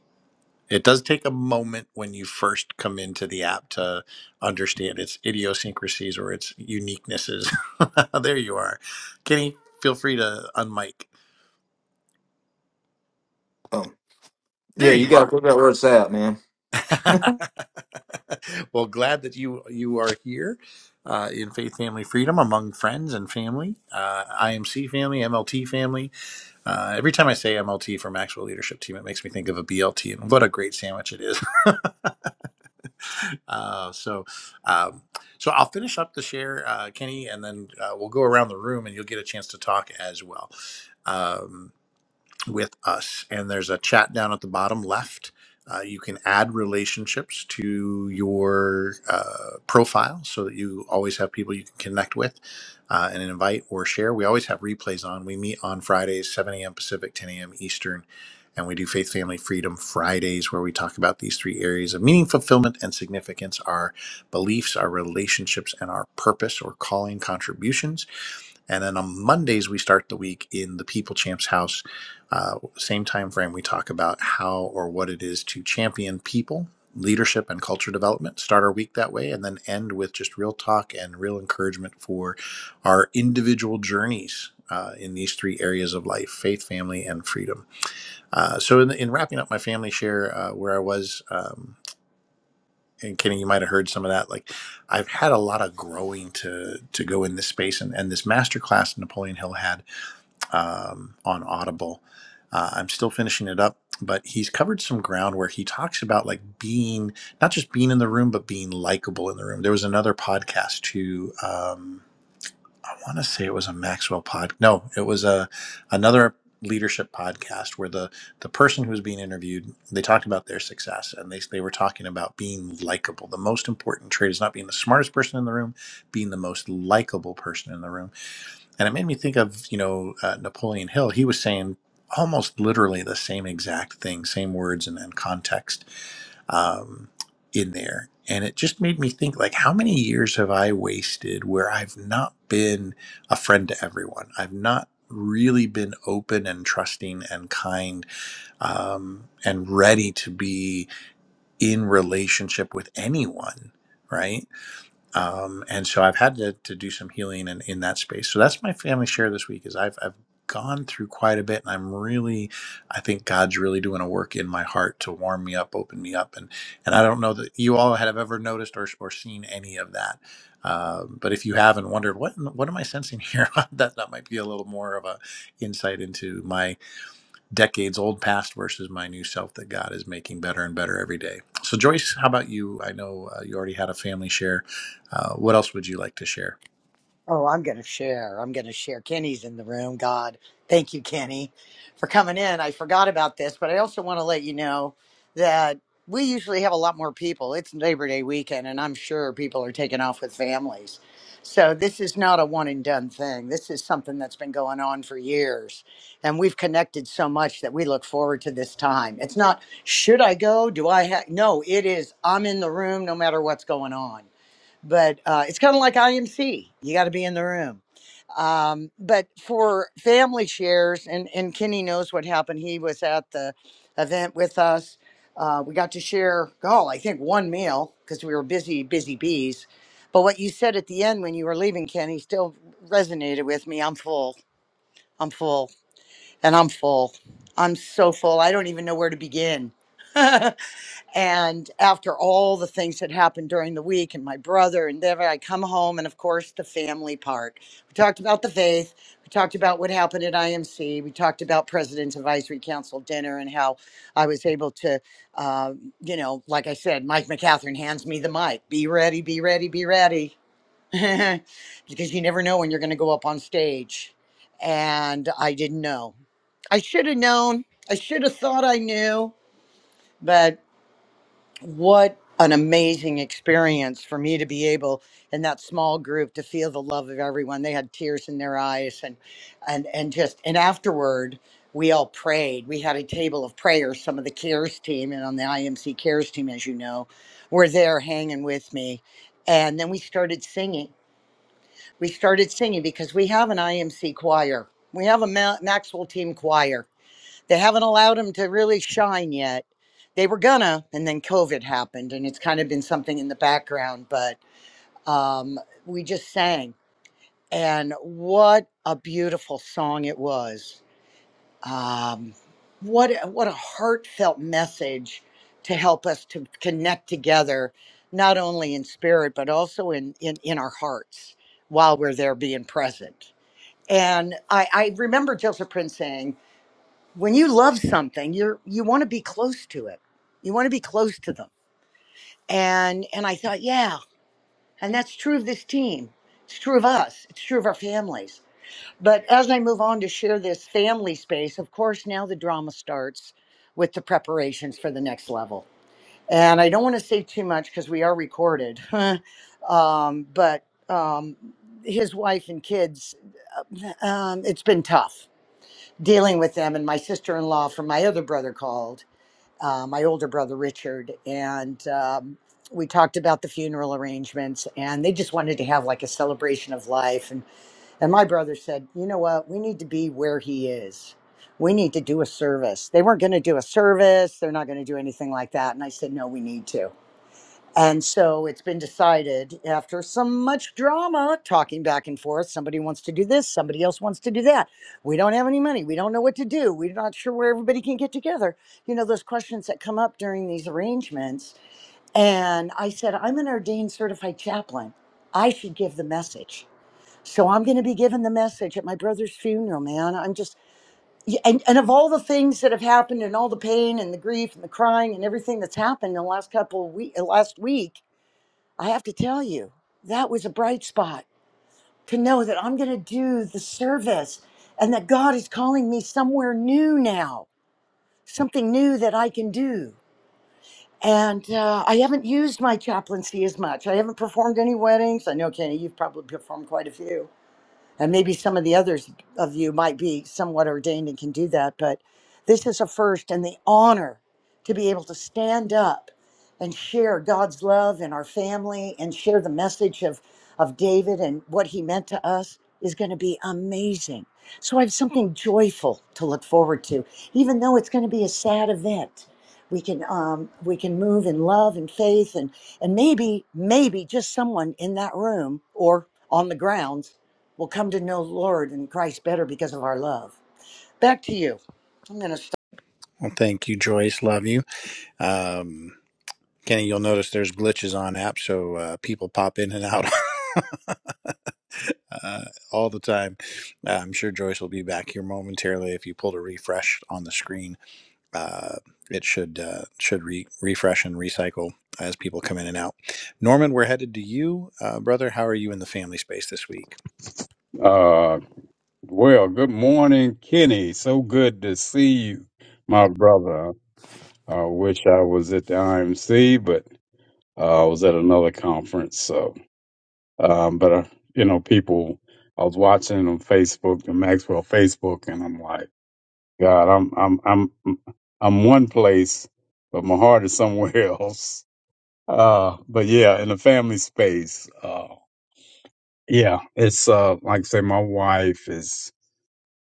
It does take a moment when you first come into the app to understand its idiosyncrasies or its uniquenesses. *laughs* there you are. Kenny, feel free to unmic.
Um, yeah,
There
you
you
got to
are.
figure out where it's at, man.
*laughs* well, glad that you you are here uh, in Faith Family Freedom among friends and family, uh, IMC family, MLT family. Uh, every time I say MLT for Maxwell Leadership Team, it makes me think of a BLT, and what a great sandwich it is. *laughs* uh, so, um, so I'll finish up the share, uh, Kenny, and then uh, we'll go around the room, and you'll get a chance to talk as well. Um, with us. And there's a chat down at the bottom left. Uh, you can add relationships to your uh, profile so that you always have people you can connect with uh, and invite or share. We always have replays on. We meet on Fridays, 7 a.m. Pacific, 10 a.m. Eastern. And we do Faith, Family, Freedom Fridays, where we talk about these three areas of meaning, fulfillment, and significance our beliefs, our relationships, and our purpose or calling contributions. And then on Mondays, we start the week in the People Champs house. Uh, same time frame, we talk about how or what it is to champion people, leadership, and culture development. Start our week that way, and then end with just real talk and real encouragement for our individual journeys. Uh, in these three areas of life faith, family, and freedom. Uh, so, in, in wrapping up my family share, uh, where I was, um, and Kenny, you might have heard some of that. Like, I've had a lot of growing to to go in this space, and, and this masterclass Napoleon Hill had um, on Audible. Uh, I'm still finishing it up, but he's covered some ground where he talks about like being not just being in the room, but being likable in the room. There was another podcast too. Um, I want to say it was a Maxwell pod. No, it was a another leadership podcast where the the person who was being interviewed they talked about their success and they they were talking about being likable. The most important trait is not being the smartest person in the room, being the most likable person in the room and it made me think of, you know, uh, Napoleon Hill. He was saying almost literally the same exact thing, same words and, and context um, in there. And it just made me think, like, how many years have I wasted where I've not been a friend to everyone? I've not really been open and trusting and kind um, and ready to be in relationship with anyone, right? um, and so I've had to, to do some healing in, in that space. So that's my family share this week. Is I've I've gone through quite a bit, and I'm really, I think God's really doing a work in my heart to warm me up, open me up, and and I don't know that you all have ever noticed or, or seen any of that. Um, but if you have and wondered what in- what am I sensing here, *laughs* that that might be a little more of a insight into my decades old past versus my new self that God is making better and better every day. So, Joyce, how about you? I know uh, you already had a family share. Uh, what else would you like to share?
Oh, I'm going to share. I'm going to share. Kenny's in the room. God, thank you, Kenny, for coming in. I forgot about this, but I also want to let you know that we usually have a lot more people. It's Labor Day weekend, and I'm sure people are taking off with families. So this is not a one and done thing. This is something that's been going on for years. And we've connected so much that we look forward to this time. It's not, should I go? Do I have? No, it is, I'm in the room no matter what's going on but uh, it's kind of like IMC. You got to be in the room. Um, but for family shares, and and Kenny knows what happened. He was at the event with us. Uh, we got to share, oh, I think one meal because we were busy, busy bees. But what you said at the end when you were leaving, Kenny, still resonated with me. I'm full. I'm full, and I'm full. I'm so full. I don't even know where to begin. *laughs* And after all the things that happened during the week and my brother and then I come home and of course the family part. We talked about the faith. We talked about what happened at IMC. We talked about President's Advisory Council dinner and how I was able to, uh, you know, like I said, Mike McCatherine hands me the mic. Be ready, be ready, be ready. *laughs* because you never know when you're going to go up on stage. And I didn't know. I should have known. I should have thought I knew. but what an amazing experience for me to be able in that small group to feel the love of everyone they had tears in their eyes and and and just and afterward we all prayed we had a table of prayers some of the cares team and on the imc cares team as you know were there hanging with me and then we started singing we started singing because we have an imc choir we have a Ma- maxwell team choir they haven't allowed him to really shine yet. They were gonna, and then COVID happened, and it's kind of been something in the background. But um, we just sang, and what a beautiful song it was! Um, what what a heartfelt message to help us to connect together, not only in spirit but also in in, in our hearts while we're there being present. And I, I remember Joseph Prince saying when you love something you're you want to be close to it you want to be close to them and and i thought yeah and that's true of this team it's true of us it's true of our families but as i move on to share this family space of course now the drama starts with the preparations for the next level and i don't want to say too much because we are recorded *laughs* um, but um, his wife and kids um, it's been tough dealing with them and my sister-in-law from my other brother called uh, my older brother Richard, and um, we talked about the funeral arrangements, and they just wanted to have like a celebration of life. And and my brother said, you know what, we need to be where he is. We need to do a service. They weren't going to do a service. They're not going to do anything like that. And I said, no, we need to. And so it's been decided after some much drama, talking back and forth. Somebody wants to do this, somebody else wants to do that. We don't have any money. We don't know what to do. We're not sure where everybody can get together. You know, those questions that come up during these arrangements. And I said, I'm an ordained certified chaplain. I should give the message. So I'm going to be giving the message at my brother's funeral, man. I'm just, y- and, and of all the things that have happened and all the pain and the grief and the crying and everything that's happened in the last couple of week, last week, I have to tell you, that was a bright spot to know that I'm going to do the service and that God is calling me somewhere new now, something new that I can do. And uh, I haven't used my chaplaincy as much. I haven't performed any weddings. I know, Kenny, you've probably performed quite a few and maybe some of the others of you might be somewhat ordained and can do that but this is a first and the honor to be able to stand up and share god's love in our family and share the message of of david and what he meant to us is going to be amazing so i have something joyful to look forward to even though it's going to be a sad event we can um, we can move in love and faith and and maybe maybe just someone in that room or on the grounds will come to know Lord and Christ better because of our love. Back to you. I'm going to stop.
Well, thank you, Joyce. Love you. Um, Kenny, you'll notice there's glitches on app, so uh, people pop in and out *laughs* uh, all the time. Uh, I'm sure Joyce will be back here momentarily if you pull a refresh on the screen. uh, it should uh, should re- refresh and recycle as people come in and out. Norman, we're headed to you, uh, brother. How are you in the family space this week?
Uh, well, good morning, Kenny. So good to see you, my brother. I wish I was at the IMC, but Uh, I was at another conference, so um, but uh, you know, people. I was watching on Facebook, the Maxwell Facebook, and I'm like, God, I'm I'm I'm I'm one place, but my heart is somewhere *laughs* else. Uh, but yeah, in the family space, uh, yeah, it's uh, like I say, my wife is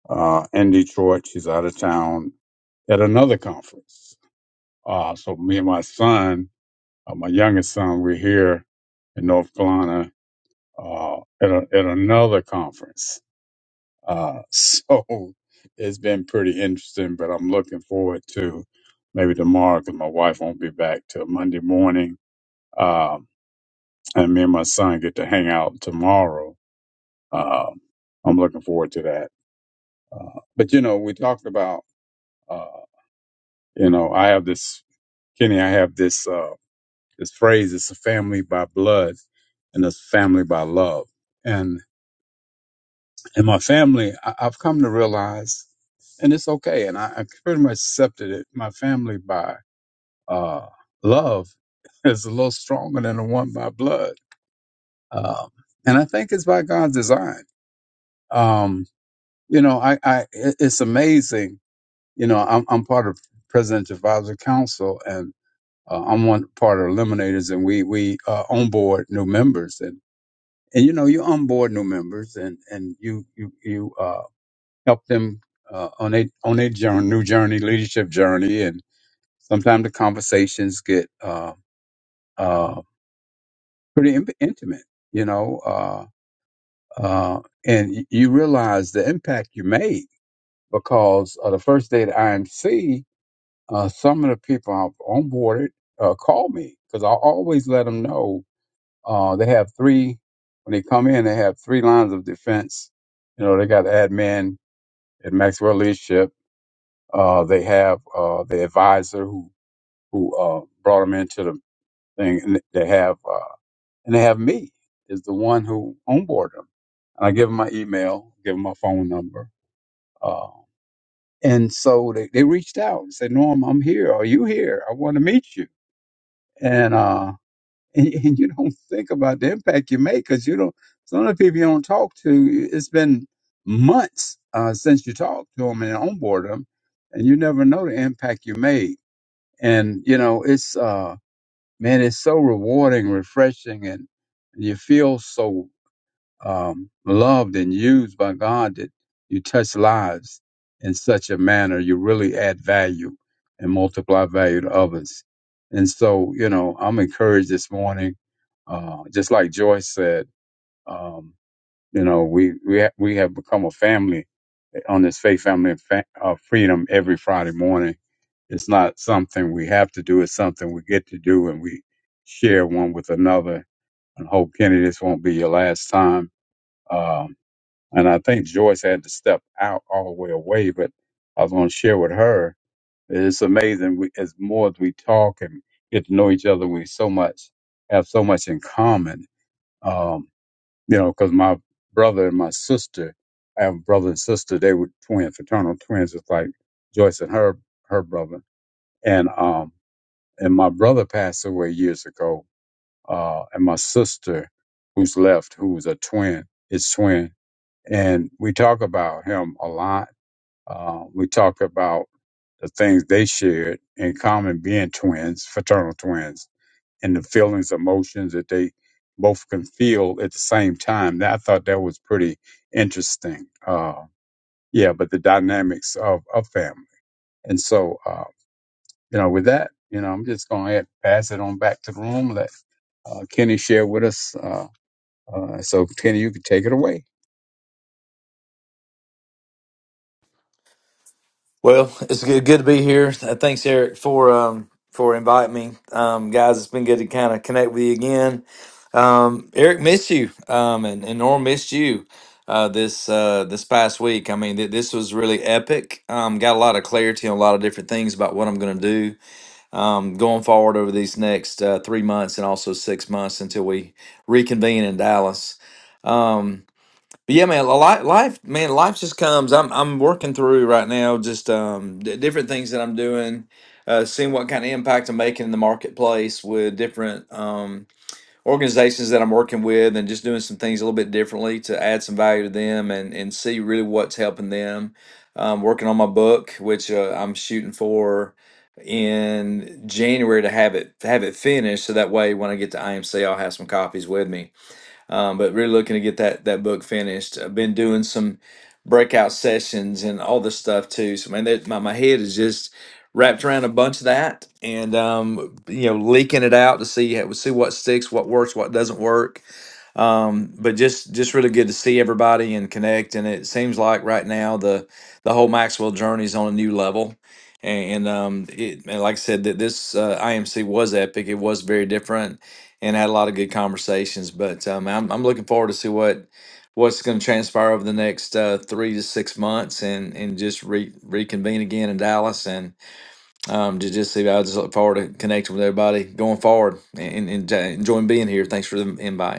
uh in Detroit. She's out of town at another conference. Uh, so me and my son, uh, my youngest son, we're here in North Carolina uh, at, a, at another conference. Uh, so *laughs* it's been pretty interesting, but I'm looking forward to maybe tomorrow because my wife won't be back till Monday morning. Um, and me and my son get to hang out tomorrow. Um, I'm looking forward to that. Uh, but you know, we talked about, uh, you know, I have this, Kenny, I have this, uh, this phrase, it's a family by blood and it's family by love. and my family, I, I've come to realize, and it's okay, and I, I pretty much accepted it. My family by uh, love *laughs* is a little stronger than the one by blood, um, and I think it's by God's design. Um, you know, I, I it- it's amazing. You know, I'm, I'm part of President Advisory Council, and uh, I'm one part of Eliminators, and we we uh, onboard new members, and and you know, you onboard new members, and and you you you. uh, help them uh, on a on a journey, new journey, leadership journey, and sometimes the conversations get uh, uh, pretty in- intimate, you know. Uh, uh, and y- you realize the impact you made because uh, the first day at IMC, uh, some of the people I've onboarded uh, called me because I always let them know uh, they have three when they come in. They have three lines of defense. You know, they got admin at Maxwell Leadership Uh, they have uh, the advisor who who uh, brought them into the thing, and they have uh, and they have me is the one who onboard them, and I give them my email, give them my phone number, uh, and so they, they reached out and said, "Norm, I'm here. Are you here? I want to meet you." And uh, *laughs* and, and you don't think about the impact you make because you don't. Some of the people you don't talk to, it's been months uh, since you talked to them and onboard them, and you never know the impact you made and you know it's uh man it's so rewarding refreshing and you feel so um loved and used by god that you touch lives in such a manner you really add value and multiply value to others and so you know i'm encouraged this morning uh just like joyce said um you know we we ha- we have become a family on this faith family of fa- of freedom every friday morning it's not something we have to do. It's something we get to do and we share one with another and hope, Kenny, this won't be your last time. Um, and I think Joyce had to step out all the way away, but I was going to share with her. It's amazing. We, as more as we talk and get to know each other, we so much have so much in common. Um, you know, because my brother and my sister, I have a brother and sister. They were twins, fraternal twins, just like Joyce and her her brother. And um, and my brother passed away years ago, uh, and my sister, who's left, who's a twin, is twin, and we talk about him a lot. Uh, we talk about the things they shared in common, being twins, fraternal twins, and the feelings, emotions that they both can feel at the same time. That I thought that was pretty interesting. Uh, yeah, but the dynamics of a family, and so uh, you know, with that, you know, I'm just gonna pass it on back to the room. Let uh, Kenny shared with us. Uh, uh, so, Kenny, you can take it away.
Well, it's good, good to be here. Uh, Thanks, Eric, for um, for inviting me, um, guys. It's been good to kind of connect with you again. Um, Eric missed you, um, and, and Norm missed you uh, this uh, this past week. I mean, th- this was really epic. Um, got a lot of clarity on a lot of different things about what I'm going to do um, going forward over these next uh, three months and also six months until we reconvene in Dallas. Um, But Yeah, man. Life, man. Life just comes. I'm, I'm working through right now. Just um, d- different things that I'm doing, uh, seeing what kind of impact I'm making in the marketplace with different um organizations that I'm working with, and just doing some things a little bit differently to add some value to them and and see really what's helping them. Um, working on my book, which uh, I'm shooting for in January to have it have it finished, so that way when I get to IMC, I'll have some copies with me um, but really looking to get that that book finished. I've been doing some breakout sessions and all this stuff too. So man, that, my my head is just wrapped around a bunch of that, and um, you know, leaking it out to see how- see what sticks, what works, what doesn't work um, but just just really good to see everybody and connect. And it seems like right now the the whole Maxwell journey is on a new level. And, um, it and like I said that this uh, IMC was epic. It was very different and had a lot of good conversations. But um, I'm I'm looking forward to see what what's going to transpire over the next uh, three to six months and and just re- reconvene again in Dallas and um, to just see. I just look forward to connecting with everybody going forward and, and, and enjoying being here. Thanks for the invite.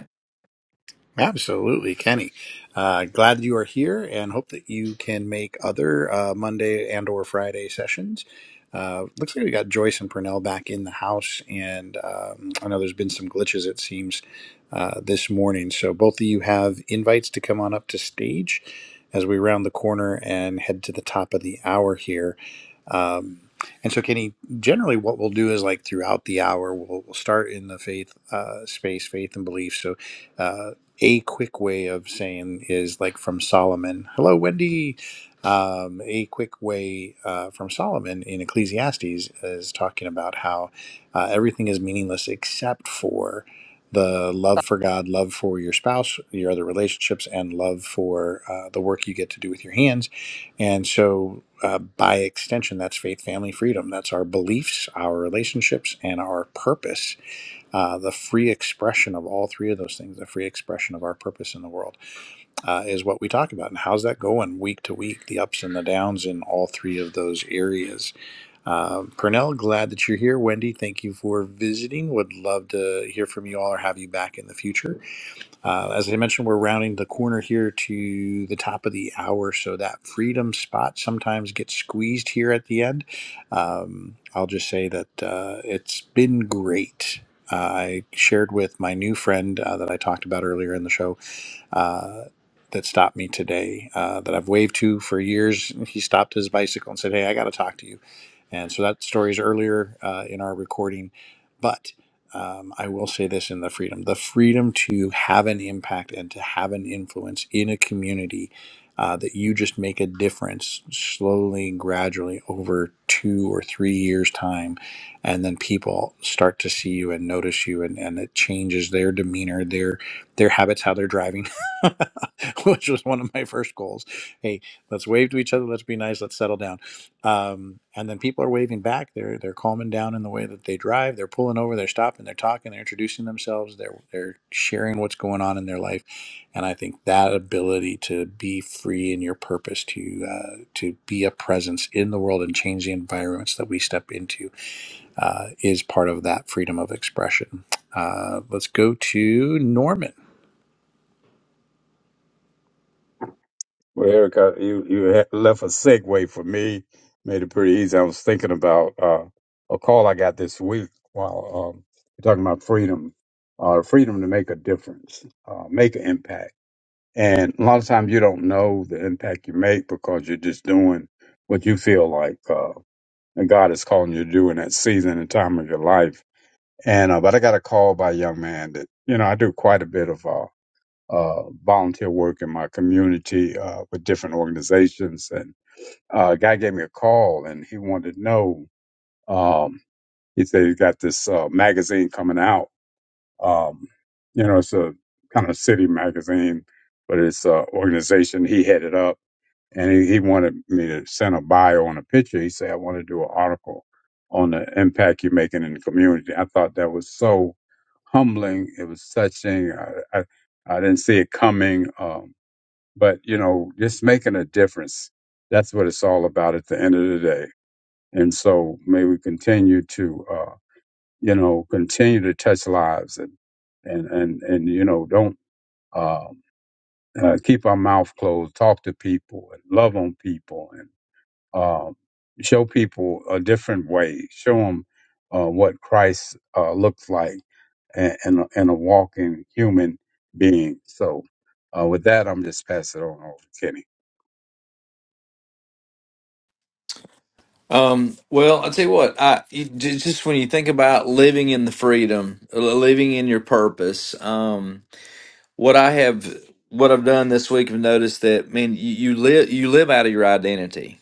Absolutely, Kenny. Uh, glad that you are here, and hope that you can make other uh, Monday and or Friday sessions. Uh, looks like we got Joyce and Purnell back in the house, and um, I know there's been some glitches. It seems uh, this morning, so both of you have invites to come on up to stage as we round the corner and head to the top of the hour here. Um, and so, Kenny, generally what we'll do is like throughout the hour, we'll, we'll start in the faith uh, space, faith and belief. So, uh, a quick way of saying is like from Solomon. Hello, Wendy. Um, a quick way uh, from Solomon in Ecclesiastes is talking about how uh, everything is meaningless except for the love for God, love for your spouse, your other relationships, and love for uh, the work you get to do with your hands and so, uh, by extension, that's faith, family, freedom. That's our beliefs, our relationships, and our purpose. Uh, the free expression of all three of those things, the free expression of our purpose in the world, uh, is what we talk about. And how's that going week to week, the ups and the downs in all three of those areas? Uh, Pernell, glad that you're here. Wendy, thank you for visiting. Would love to hear from you all or have you back in the future. Uh, as I mentioned, we're rounding the corner here to the top of the hour, so that freedom spot sometimes gets squeezed here at the end. Um, I'll just say that uh, it's been great. Uh, I shared with my new friend uh, that I talked about earlier in the show. Uh, that stopped me today, uh, that I've waved to for years. He stopped his bicycle and said, Hey, I got to talk to you and so that story is earlier uh, in our recording. But um, I will say this in the freedom the freedom to have an impact and to have an influence in a community uh, that you just make a difference slowly and gradually over two or three years' time. And then people start to see you and notice you, and, and it changes their demeanor, their, their habits, how they're driving, *laughs* which was one of my first goals. Hey, let's wave to each other, let's be nice, let's settle down um, and then people are waving back. They're they're calming down in the way that they drive. They're pulling over. They're stopping. They're talking. They're introducing themselves. They're they're sharing what's going on in their life, and I think that ability to be free in your purpose, to uh, to be a presence in the world and change the environments that we step into, uh, is part of that freedom of expression. Uh, let's go to Norman.
Well, Erica, you you ha- left a segue for me, made it pretty easy. I was thinking about uh, a call I got this week while um, are talking about freedom, uh, freedom to make a difference, uh, make an impact. And a lot of times you don't know the impact you make because you're just doing what you feel like uh, and God is calling you to do in that season and time of your life. And uh, but I got a call by a young man that you know I do quite a bit of uh, uh, volunteer work in my community uh, with different organizations, and uh, a guy gave me a call and he wanted to know. Um, he said he got this uh, magazine coming out. Um, you know, it's a kind of city magazine, but it's an organization he headed up and he, he wanted me to send a bio on a picture. He said, I want to do an article on the impact you're making in the community. I thought that was so humbling. It was touching. I, I, I didn't see it coming. Um, but, you know, just making a difference. That's what it's all about at the end of the day. And so may we continue to, uh, you know, continue to touch lives and, and, and, and, you know, don't, um, uh, keep our mouth closed, talk to people and love on people um, show people a different way. Show them uh, what Christ uh, looks like and, and, a, and a walking human being. So, uh, with that, I'm just passing it on over to Kenny.
Um, well, I'll tell you what, I you, ju- just when you think about living in the freedom, li- living in your purpose, um, what I have, what I've done this week, I've noticed that, man, you, you live, you live out of your identity.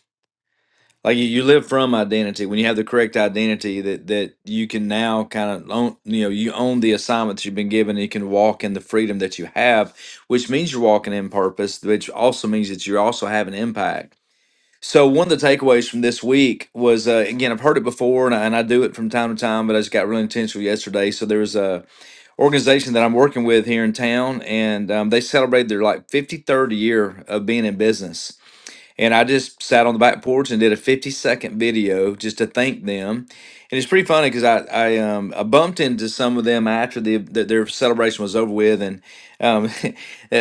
Like you, you live from identity. When you have the correct identity, that that you can now kind of own, you know, you own the assignments you've been given. And you can walk in the freedom that you have, which means you're walking in purpose, which also means that you also have an impact so one of the takeaways from this week was uh, again I've heard it before and I, and I do it from time to time, but I just got really intentional yesterday. So there was a organization that I'm working with here in town, and um, they celebrated their like 53rd year of being in business. And I just sat on the back porch and did a 50 second video just to thank them. And it's pretty funny because I I, um, I bumped into some of them after the, the their celebration was over with, and um, *laughs* uh,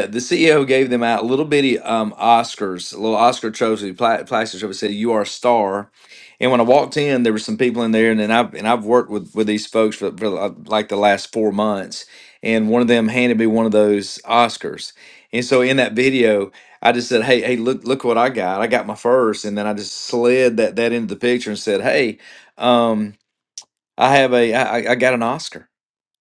the CEO gave them out little bitty um, Oscars, a little Oscar trophy, pla- plastic trophy. Said "You Are a Star," and when I walked in, there were some people in there, and then I've and I've worked with with these folks for, for uh, like the last four months, and one of them handed me one of those Oscars, and so in that video. I just said, "Hey, hey, look, look what I got! I got my first. and then I just slid that that into the picture and said, "Hey, um, I have a, I, I I got an Oscar."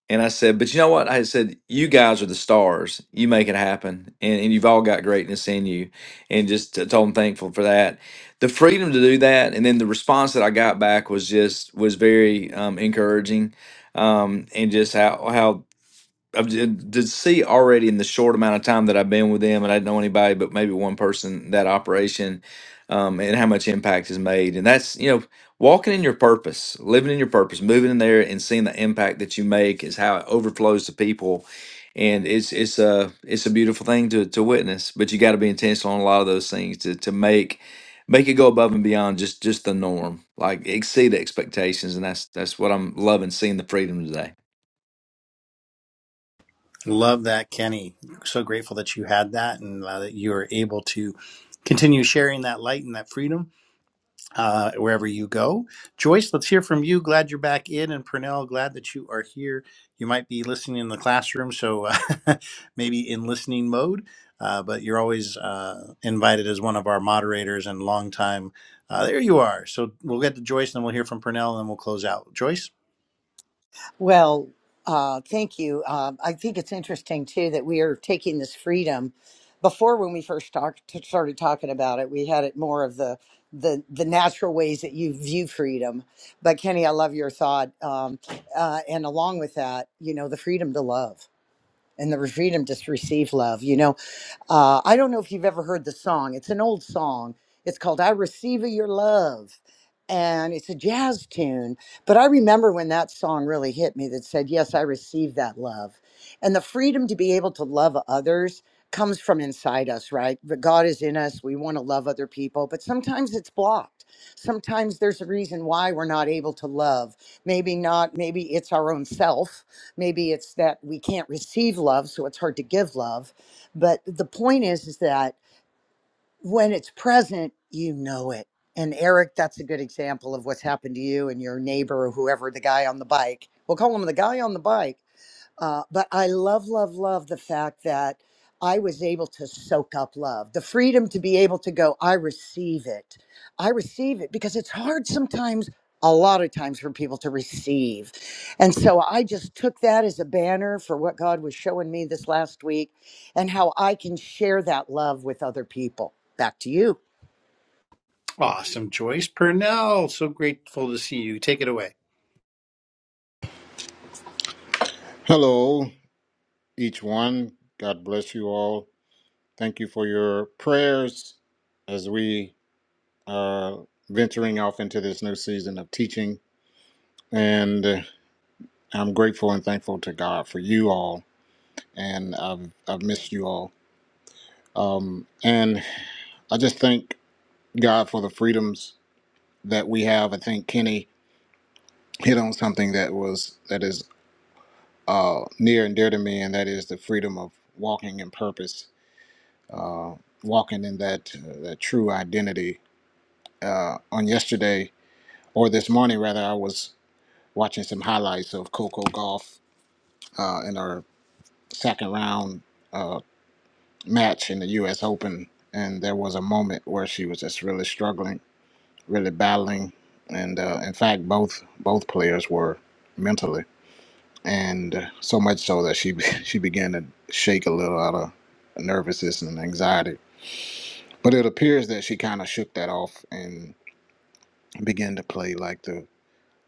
And I said, "But you know what?" I said, "You guys are the stars. You make it happen, and, and you've all got greatness in you." And just t- told them thankful for that, the freedom to do that, and then the response that I got back was just was very um, encouraging, um, and just how how I've did did see already in the short amount of time that I've been with them, and I didn't know anybody but maybe one person that operation, um, and how much impact is made. And that's you know walking in your purpose, living in your purpose, moving in there, and seeing the impact that you make is how it overflows to people. And it's it's a it's a beautiful thing to to witness, but you got to be intentional on a lot of those things to to make make it go above and beyond just just the norm, like exceed expectations, and that's that's what I'm loving seeing the freedom today.
Hey, So to continue, oh, joy here. You might go, uh, *laughs* maybe. Uh, is uh, invited as Raiders and long time. Uh, there you are. So we'll get to Joyce, and then we'll hear from, them. we'll close out. Joyce,
Well, uh, thank you. Uh, I think it's interesting too that we are taking this freedom. Before, when we first talked, t- started talking about it, we had it more of the the the natural ways that you view freedom. But Kenny, I love your thought, um, uh, and along with that, you know, the freedom to love. and the freedom to receive love. You know, uh, I don't know if you've ever heard the song. It's an old song. It's called "I Receive Your Love," and it's a jazz tune. But I remember when that song really hit me. That said, "Yes, I receive that love," and the freedom to be able to love others comes from inside us, right? But God is in us. We want to love other people, but sometimes it's blocked. Sometimes there's a reason why we're not able to love. Maybe not. Maybe it's our own self maybe it's that we can't receive love so it's hard to give love but the point is is that when it's present you know it and eric that's a good example of what's happened to you and your neighbor or whoever the guy on the bike we'll call him the guy on the bike uh, but I love, love, love the fact that I was able to soak up love, the freedom to be able to go, I receive it. I receive it because it's hard sometimes, a lot of times, for people to receive. And so I just took that as a banner for what God was showing me this last week and how I can share that love with other people. Back to you.
awesome, Joyce Purnell. So grateful to see you. Take it away.
Hello, each one. God bless you all. Thank you for your prayers as we are venturing off into this new season of teaching. And uh, I'm grateful and thankful to God for you all. And I've, I've missed you all. Um, and I just thank God for the freedoms that we have. I think Kenny hit on something that was that is uh, near and dear to me, and that is the freedom of walking in purpose uh, walking in that uh, that true identity. Uh, on yesterday or this morning, rather, I was watching some highlights of Coco Golf uh, in her second round uh, match in the U.S. Open, and there was a moment where she was just really struggling, really battling, and uh, in fact, both both players were mentally, and uh, so much so that she *laughs* she began to shake a little out of nervousness and anxiety. But it appears that she kind of shook that off and. begin to play like the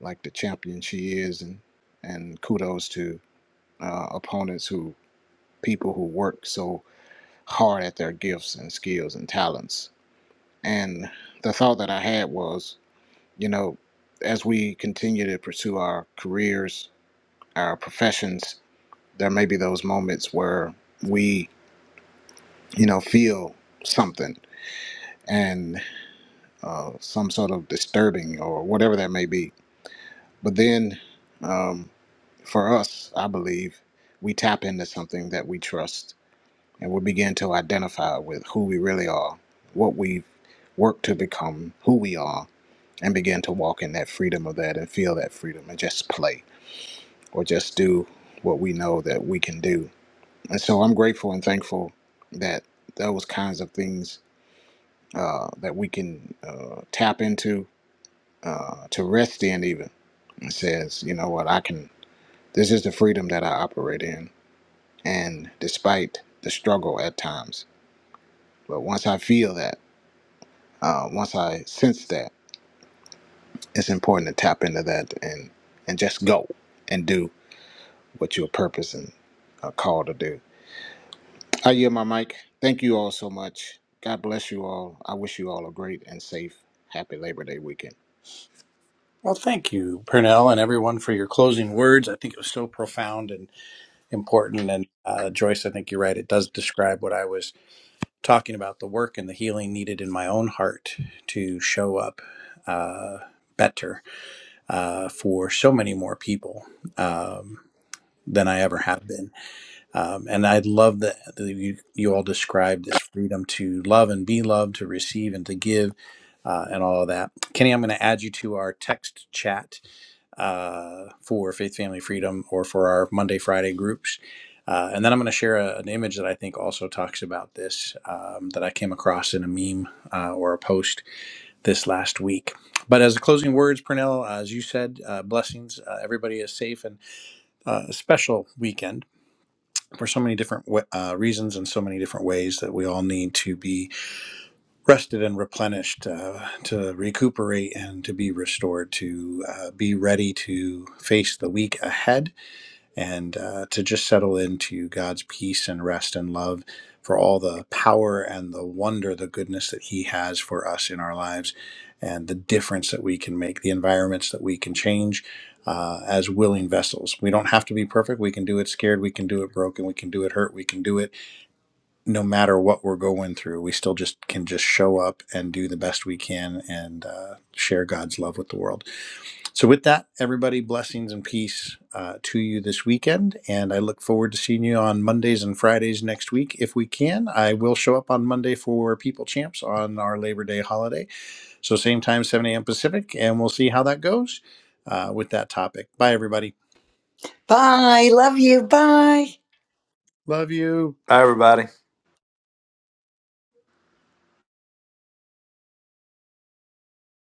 like the champion she is, and and kudos to uh, opponents who people who work so hard at their gifts and skills and talents. And the thought that I had was, you know, as we continue to pursue our careers, our professions, there may be those moments where we, you know, feel something and uh, some sort of disturbing or whatever that may be. But then um, for us, I believe, we tap into something that we trust and we begin to identify with who we really are, what we work to become, who we are, and begin to walk in that freedom of that and feel that freedom and just play or just do what we know that we can do. And so I'm grateful and thankful that those kinds of things uh, that we can uh, tap into, uh, to rest in even. It says, you know what, I can, this is the freedom that I operate in and despite the struggle at times. But once I feel that, uh, once I sense that, it's important to tap into that and and just go and do what you're purpose and uh, called to do. I yield my mic. Thank you all so much. God bless you all. I wish you all a great and safe, happy Labor Day weekend.
Well, thank you, Purnell, and everyone for your closing words. I think it was so profound and important. And uh, Joyce, I think you're right. It does describe what I was talking about the work and the healing needed in my own heart to show up uh, better uh, for so many more people um, than I ever have been. Um, and I love that that you, you all described this freedom to love and be loved, to receive and to give, uh, and all of that. Kenny, I'm going to add you to our text chat uh, for Faith Family Freedom or for our Monday Friday groups. Uh, and then I'm going to share a, an image that I think also talks about this um, that I came across in a meme uh, or a post this last week. But as the closing words, Purnell, as you said, uh, blessings. Uh, everybody is safe and uh, a special weekend for so many different uh, reasons and so many different ways that we all need to be rested and replenished, uh, to recuperate and to be restored, to uh, be ready to face the week ahead and uh, to just settle into God's peace and rest and love for all the power and the wonder, the goodness that He has for us in our lives, and the difference that we can make, the environments that we can change uh, as willing vessels. We don't have to be perfect. We can do it scared. We can do it broken. We can do it hurt. We can do it no matter what we're going through. We still just can just show up and do the best we can and uh, share God's love with the world. So, with that, everybody, blessings and peace uh, to you this weekend. And I look forward to seeing you on Mondays and Fridays next week. If we can, I will show up on Monday for People Champs on our Labor Day holiday. So, same time, 7 a.m. Pacific, and we'll see how that goes uh, with that topic. Bye, everybody.
Bye. Love you. Bye.
Love you.
Bye, everybody.